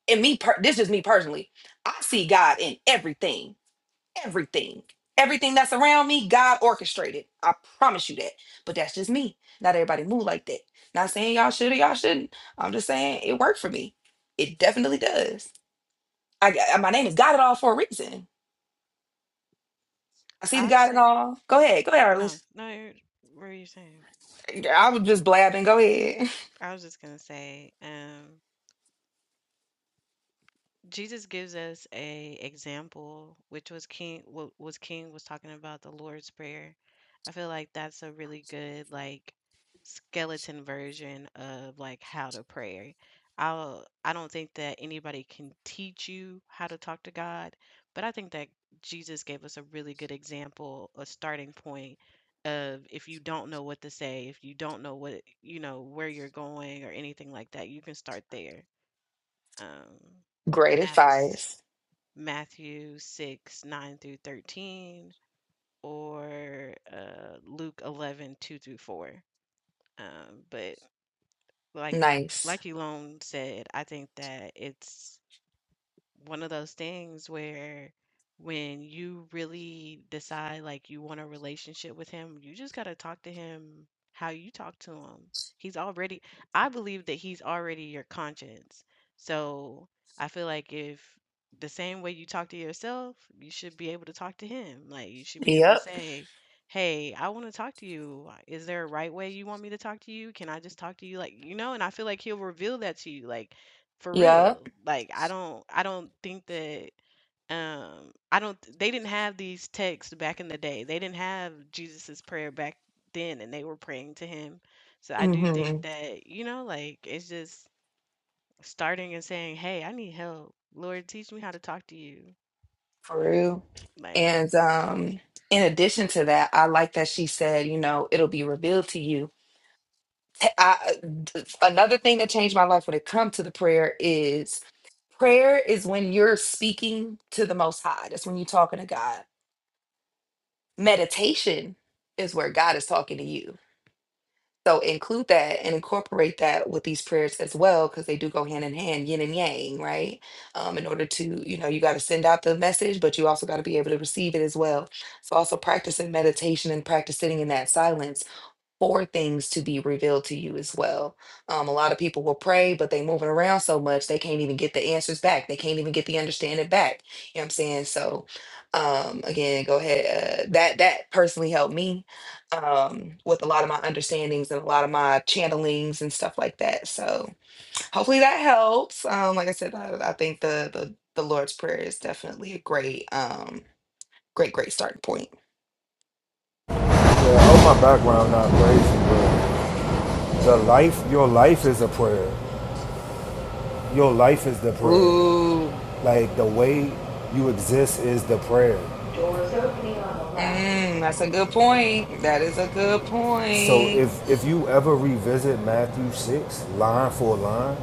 Speaker 1: and me, per- this is me personally. I see God in everything, everything, everything that's around me. God orchestrated. I promise you that. But that's just me. Not everybody move like that. Not saying y'all should or y'all shouldn't. I'm just saying it worked for me. It definitely does. I, I- my name is God at all for a reason. I see the
Speaker 3: I'll
Speaker 1: God at
Speaker 3: say
Speaker 1: all. Go ahead, go ahead,
Speaker 3: no.
Speaker 1: Arliss.
Speaker 3: No, you're, what are you saying?
Speaker 1: I was just blabbing. Go ahead.
Speaker 3: I was just gonna say, um, Jesus gives us a example, which was King. What was King was talking about the Lord's Prayer. I feel like that's a really good like skeleton version of like how to pray. I'll. I don't think that anybody can teach you how to talk to God, but I think that Jesus gave us a really good example, a starting point of if you don't know what to say, if you don't know what you know where you're going or anything like that, you can start there um,
Speaker 1: Great
Speaker 3: and that's
Speaker 1: advice.
Speaker 3: Matthew 6, 9 through 13, or uh, Luke 11 2 through 4. Um, but like
Speaker 1: Nice.
Speaker 3: like Elon said, I think that it's one of those things where when you really decide like you want a relationship with him, you just got to talk to him how you talk to him. He's already, I believe that he's already your conscience. So I feel like if the same way you talk to yourself, you should be able to talk to him. Like you should be able to
Speaker 1: Yep.
Speaker 3: say, Hey, I want to talk to you. Is there a right way you want me to talk to you? Can I just talk to you? Like, you know, and I feel like he'll reveal that to you. Like, for
Speaker 1: Yep.
Speaker 3: real. Like I don't I don't think that um I don't they didn't have these texts back in the day. They didn't have Jesus's prayer back then and they were praying to him. So I do think
Speaker 1: hmm
Speaker 3: that, you know, like it's just starting and saying, "Hey, I need help. Lord, teach me how to talk to you."
Speaker 1: For real.
Speaker 3: Like
Speaker 1: And um, in addition to that, I like that she said, you know, it'll be revealed to you. I, another thing that changed my life when it comes to the prayer is prayer is when you're speaking to the most high that's when you're talking to god meditation is where god is talking to you So include that and incorporate that with these prayers as well, because they do go hand in hand, yin and yang, right? Um, in order to, you know, you got to send out the message, but you also got to be able to receive it as well. So also practicing meditation and practice sitting in that silence for things to be revealed to you as well. Um, a lot of people will pray, but they moving around so much they can't even get the answers back. They can't even get the understanding back. You know what I'm saying? So um again, go ahead. Uh, that that personally helped me um with a lot of my understandings and a lot of my channelings and stuff like that. So hopefully that helps. Um, like I said, I, I think the the the Lord's Prayer is definitely a great um great, great starting point.
Speaker 5: Yeah, I hope my background not crazy, but The life, your life is a prayer. Your life is the prayer.
Speaker 1: Ooh.
Speaker 5: Like the way you exist is the prayer. Doors opening on the left.
Speaker 1: Mm, that's a good point. That is a good
Speaker 5: So
Speaker 1: point.
Speaker 5: if if you ever revisit Matthew six line for line,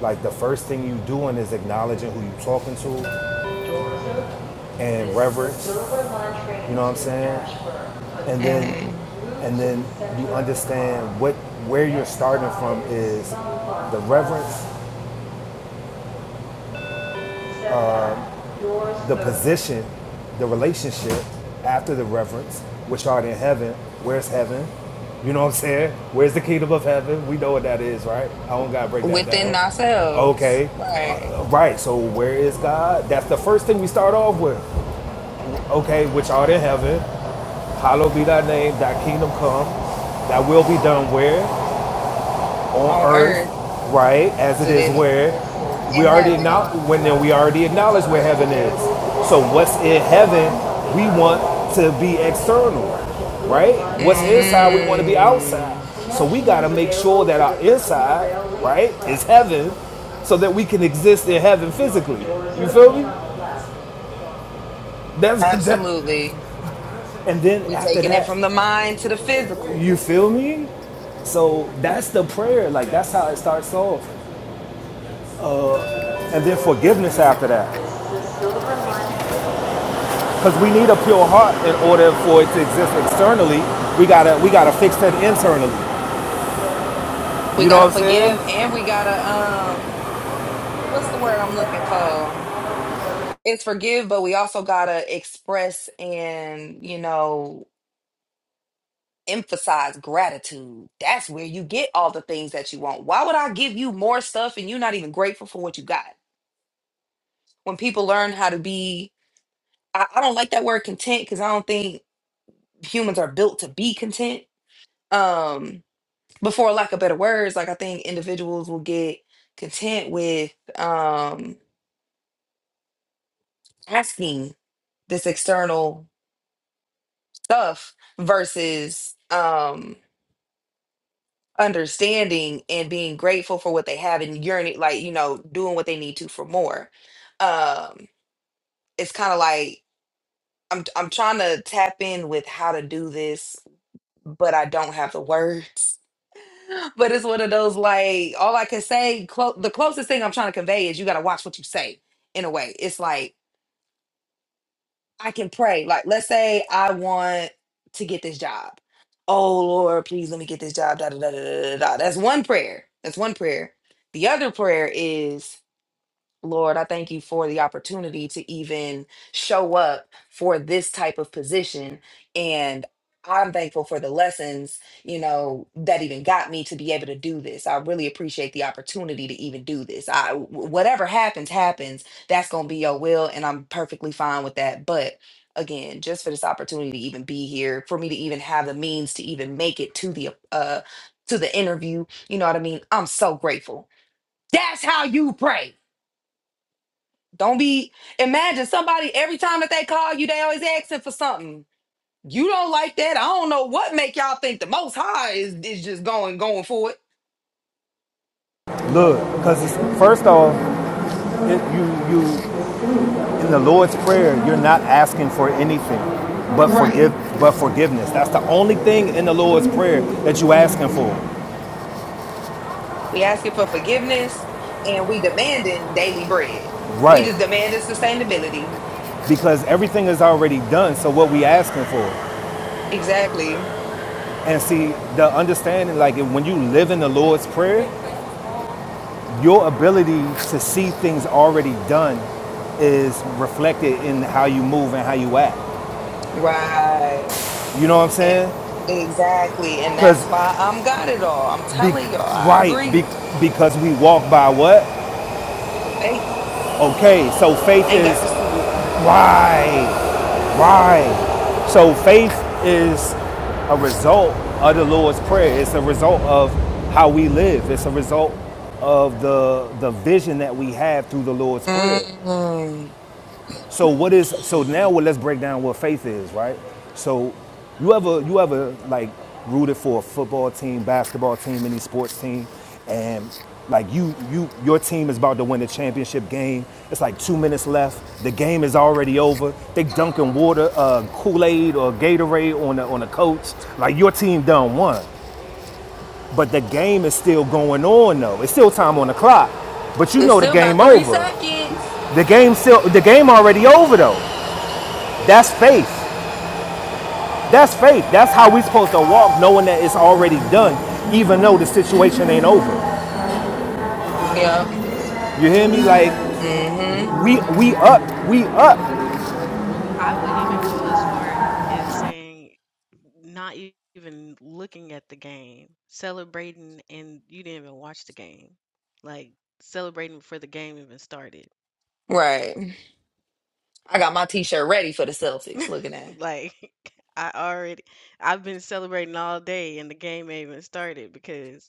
Speaker 5: like the first thing you doing is acknowledging who you talking to and reverence. You know what I'm saying? And then
Speaker 1: hmm
Speaker 5: and then you understand what where you're starting from is the reverence the position, the relationship after the reverence, which are in heaven. Where's heaven? You know what I'm saying? Where's the kingdom of heaven? We know what that is, right? I don't gotta break that
Speaker 1: Within
Speaker 5: down.
Speaker 1: ourselves,
Speaker 5: Okay, Uh,
Speaker 1: right?
Speaker 5: right. So where is God? That's the first thing we start off with. Okay, which art in heaven, hallowed be thy name. Thy kingdom come. Thy will be done where? on
Speaker 1: On earth
Speaker 5: earth, right, as
Speaker 1: as
Speaker 5: it
Speaker 1: it
Speaker 5: is
Speaker 1: is
Speaker 5: where we
Speaker 1: in
Speaker 5: already acknowledge
Speaker 1: heaven.
Speaker 5: when we already acknowledge where heaven is. So what's in heaven, we want to be external, right? What's inside, we want to be outside.
Speaker 1: Mm,
Speaker 5: So we gotta make sure that our inside, right, is heaven, so that we can exist in heaven physically. You feel me? That's that.
Speaker 1: absolutely.
Speaker 5: And then
Speaker 1: We
Speaker 5: after
Speaker 1: taking it
Speaker 5: that,
Speaker 1: from the mind to the physical.
Speaker 5: you feel me? So that's the prayer. Like that's how it starts off. And then forgiveness after that. Because we need a pure heart in order for it to exist externally. We gotta we gotta fix that internally.
Speaker 1: We
Speaker 5: You know
Speaker 1: gotta
Speaker 5: what I'm
Speaker 1: forgive
Speaker 5: saying?
Speaker 1: and we gotta um what's the word I'm looking for? It's forgive, but we also gotta express and, you know, emphasize gratitude. That's where you get all the things that you want. Why would I give you more stuff and you're not even grateful for what you got? When people learn how to be, I, I don't like that word content because I don't think humans are built to be content. Um, but for lack of better words, like I think individuals will get content with um asking this external stuff versus um understanding and being grateful for what they have and yearning like you know doing what they need to for more um it's kind of like i'm i'm trying to tap in with how to do this but i don't have the words but it's one of those like all i can say clo- the closest thing i'm trying to convey is you got to watch what you say in a way it's like I can pray. Like, let's say I want to get this job. Oh Lord, please let me get this job. Da, da, da, da, da, da. da. That's one prayer. That's one prayer. The other prayer is Lord, I thank you for the opportunity to even show up for this type of position. And I'm thankful for the lessons, you know, that even got me to be able to do this. I really appreciate the opportunity to even do this. I wh- whatever happens, happens. That's gonna be your will, and I'm perfectly fine with that. But again, just for this opportunity to even be here, for me to even have the means to even make it to the uh to the interview, you know what I mean? I'm so grateful. That's how you pray. Don't be imagine somebody every time that they call you, they always asking for something. You don't like that. I don't know what make y'all think the most high is, is just going going for it.
Speaker 5: Look, because first off, it, you you in the Lord's prayer, you're not asking for anything but
Speaker 1: Right.
Speaker 5: forgive but forgiveness. That's the only thing in the Lord's prayer that you are asking for.
Speaker 1: We asking for forgiveness and we demanding daily bread. We
Speaker 5: Right.
Speaker 1: just demanding sustainability.
Speaker 5: Because everything is already done. So what we asking for?
Speaker 1: Exactly.
Speaker 5: And see the understanding, like when you live in the Lord's prayer, your ability to see things already done is reflected in how you move and how you act.
Speaker 1: Right.
Speaker 5: You know what I'm
Speaker 1: And
Speaker 5: saying?
Speaker 1: exactly. And
Speaker 5: Because
Speaker 1: that's why I'm got it all. I'm
Speaker 5: be
Speaker 1: telling y'all, I
Speaker 5: right, be,
Speaker 1: agree.
Speaker 5: because we walk by what?
Speaker 1: Faith.
Speaker 5: Okay, so faith
Speaker 1: I ain't
Speaker 5: is
Speaker 1: got to see
Speaker 5: right, right. So faith is a result of the Lord's prayer. It's a result of how we live. It's a result of the the vision that we have through the Lord's prayer.
Speaker 1: it.
Speaker 5: So what is so
Speaker 1: Mm.
Speaker 5: now? let's break down what faith is, right? So you ever you ever like rooted for a football team, basketball team, any sports team, and like you you your team is about to win the championship game. It's like two minutes left. The game is already over. They dunking water, uh, Kool Aid or Gatorade on the on the coach. Like your team done won, but the game is still going on though. It's still time on the clock. But you
Speaker 1: It's
Speaker 5: know the
Speaker 1: still about
Speaker 5: game
Speaker 1: three
Speaker 5: over.
Speaker 1: seconds.
Speaker 5: The game still the game already over though. That's faith. That's faith. That's how we're supposed to walk, knowing that it's already done, even though the situation ain't over.
Speaker 1: Yep.
Speaker 5: You hear me? Like
Speaker 1: Mm-hmm.
Speaker 5: we we up, we up,
Speaker 3: I would even go as far as saying not e- even looking at the game, celebrating, and you didn't even watch the game. Like celebrating before the game even started.
Speaker 1: Right. I got my t-shirt ready for the Celtics looking at.
Speaker 3: Like I already, I've been celebrating all day, and the game ain't even started because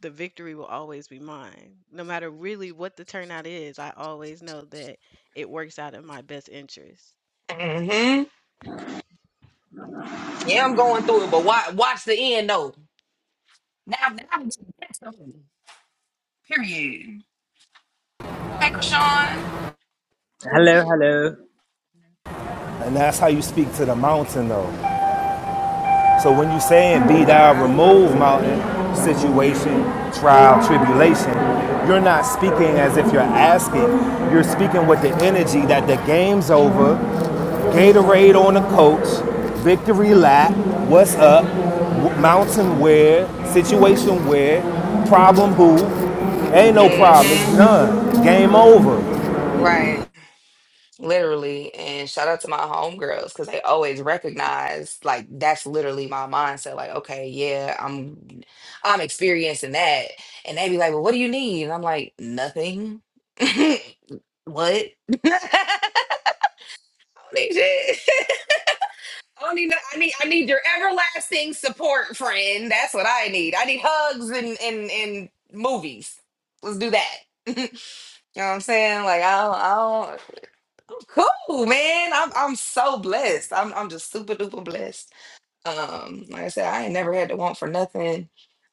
Speaker 3: the victory will always be mine. No matter really what the turnout is, I always know that it works out in my best interest.
Speaker 1: Mm-hmm. Yeah, I'm going through it, but watch, watch the end though. Now, now that's the- period. Hey Krishan.
Speaker 6: hello Hello.
Speaker 5: and that's how you speak to the mountain, though. So when you saying be thou
Speaker 1: Uh,
Speaker 5: removed mountain situation, trial, tribulation, you're not speaking as if you're asking. You're speaking with the energy that the game's over, Gatorade on the coach, victory lap, what's up, mountain where, situation where, problem who, ain't no problem, it's
Speaker 1: mm-hmm.
Speaker 5: done, game over.
Speaker 1: Right. Literally, and shout out to my homegirls because they always recognize like that's literally my mindset. Like, okay, yeah, I'm I'm experiencing that. And they be like, Well, what do you need? And I'm like, nothing. What? I don't need shit. I don't need no- I need I need your everlasting support, friend. That's what I need. I need hugs and and, and movies. Let's do that. You know what I'm saying? Like I don't, I'm cool, man. I'm I'm so blessed. I'm I'm just super duper blessed. Um, like I said, I ain't never had to want for nothing.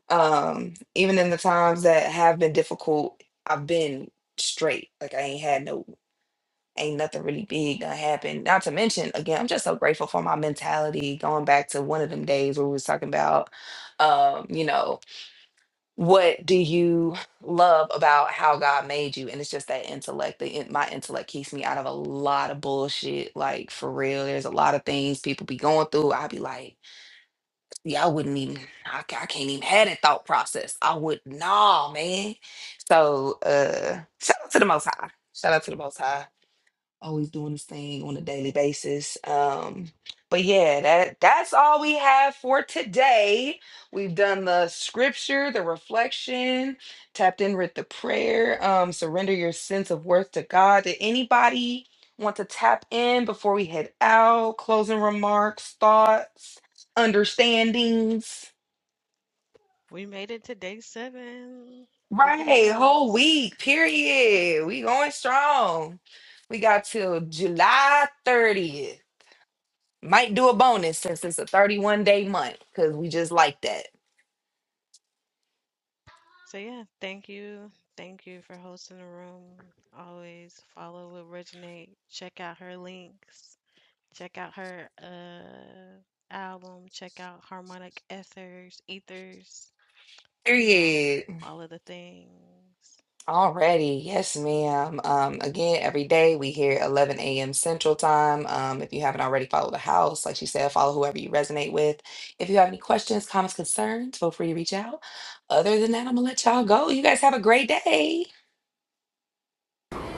Speaker 1: Um, even in the times that have been difficult, I've been straight. Like I ain't had no ain't nothing really big that happened. Not to mention, again, I'm just so grateful for my mentality. Going back to one of them days where we was talking about um, you know, what do you love about how God made you? And it's just that intellect. The in, my intellect keeps me out of a lot of bullshit. Like for real, there's a lot of things people be going through. I'd be like, yeah, I wouldn't even. I, ca- I can't even have that thought process. I would, nah, man. So, uh, shout out to the Most High. Shout out to the Most High always doing this thing on a daily basis. Um, but yeah, that that's all we have for today. We've done the scripture, the reflection, tapped in with the prayer, um, surrender your sense of worth to God. Did anybody want to tap in before we head out? Closing remarks, thoughts, understandings.
Speaker 3: We made it to day seven. Look at
Speaker 1: Right, whole
Speaker 3: us.
Speaker 1: week, period. We going strong. We got till July 30th. Might do a bonus since it's a 31 day month because we just like that.
Speaker 3: So yeah, thank you. Thank you for hosting the room. Always follow Originate. Check out her links. Check out her uh album. Check out Harmonic Ethers, Ethers, you know,
Speaker 1: Period.
Speaker 3: all of the things.
Speaker 1: Alrighty, yes, ma'am. Um, again, every day we here 11 a.m. Central Time. Um, if you haven't already followed the house, like she said, follow whoever you resonate with. If you have any questions, comments, concerns, feel free to reach out. Other than that, I'm gonna let y'all go. You guys have a great day.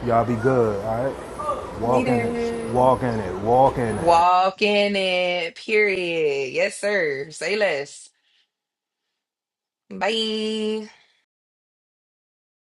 Speaker 5: Y'all be good, all right? Walk in it,
Speaker 3: You
Speaker 1: Later.
Speaker 3: too.
Speaker 5: walk in it, walk
Speaker 3: Be
Speaker 5: in it.
Speaker 1: Walk
Speaker 3: blessed.
Speaker 1: in it. Period. Yes, sir. Say less. Bye.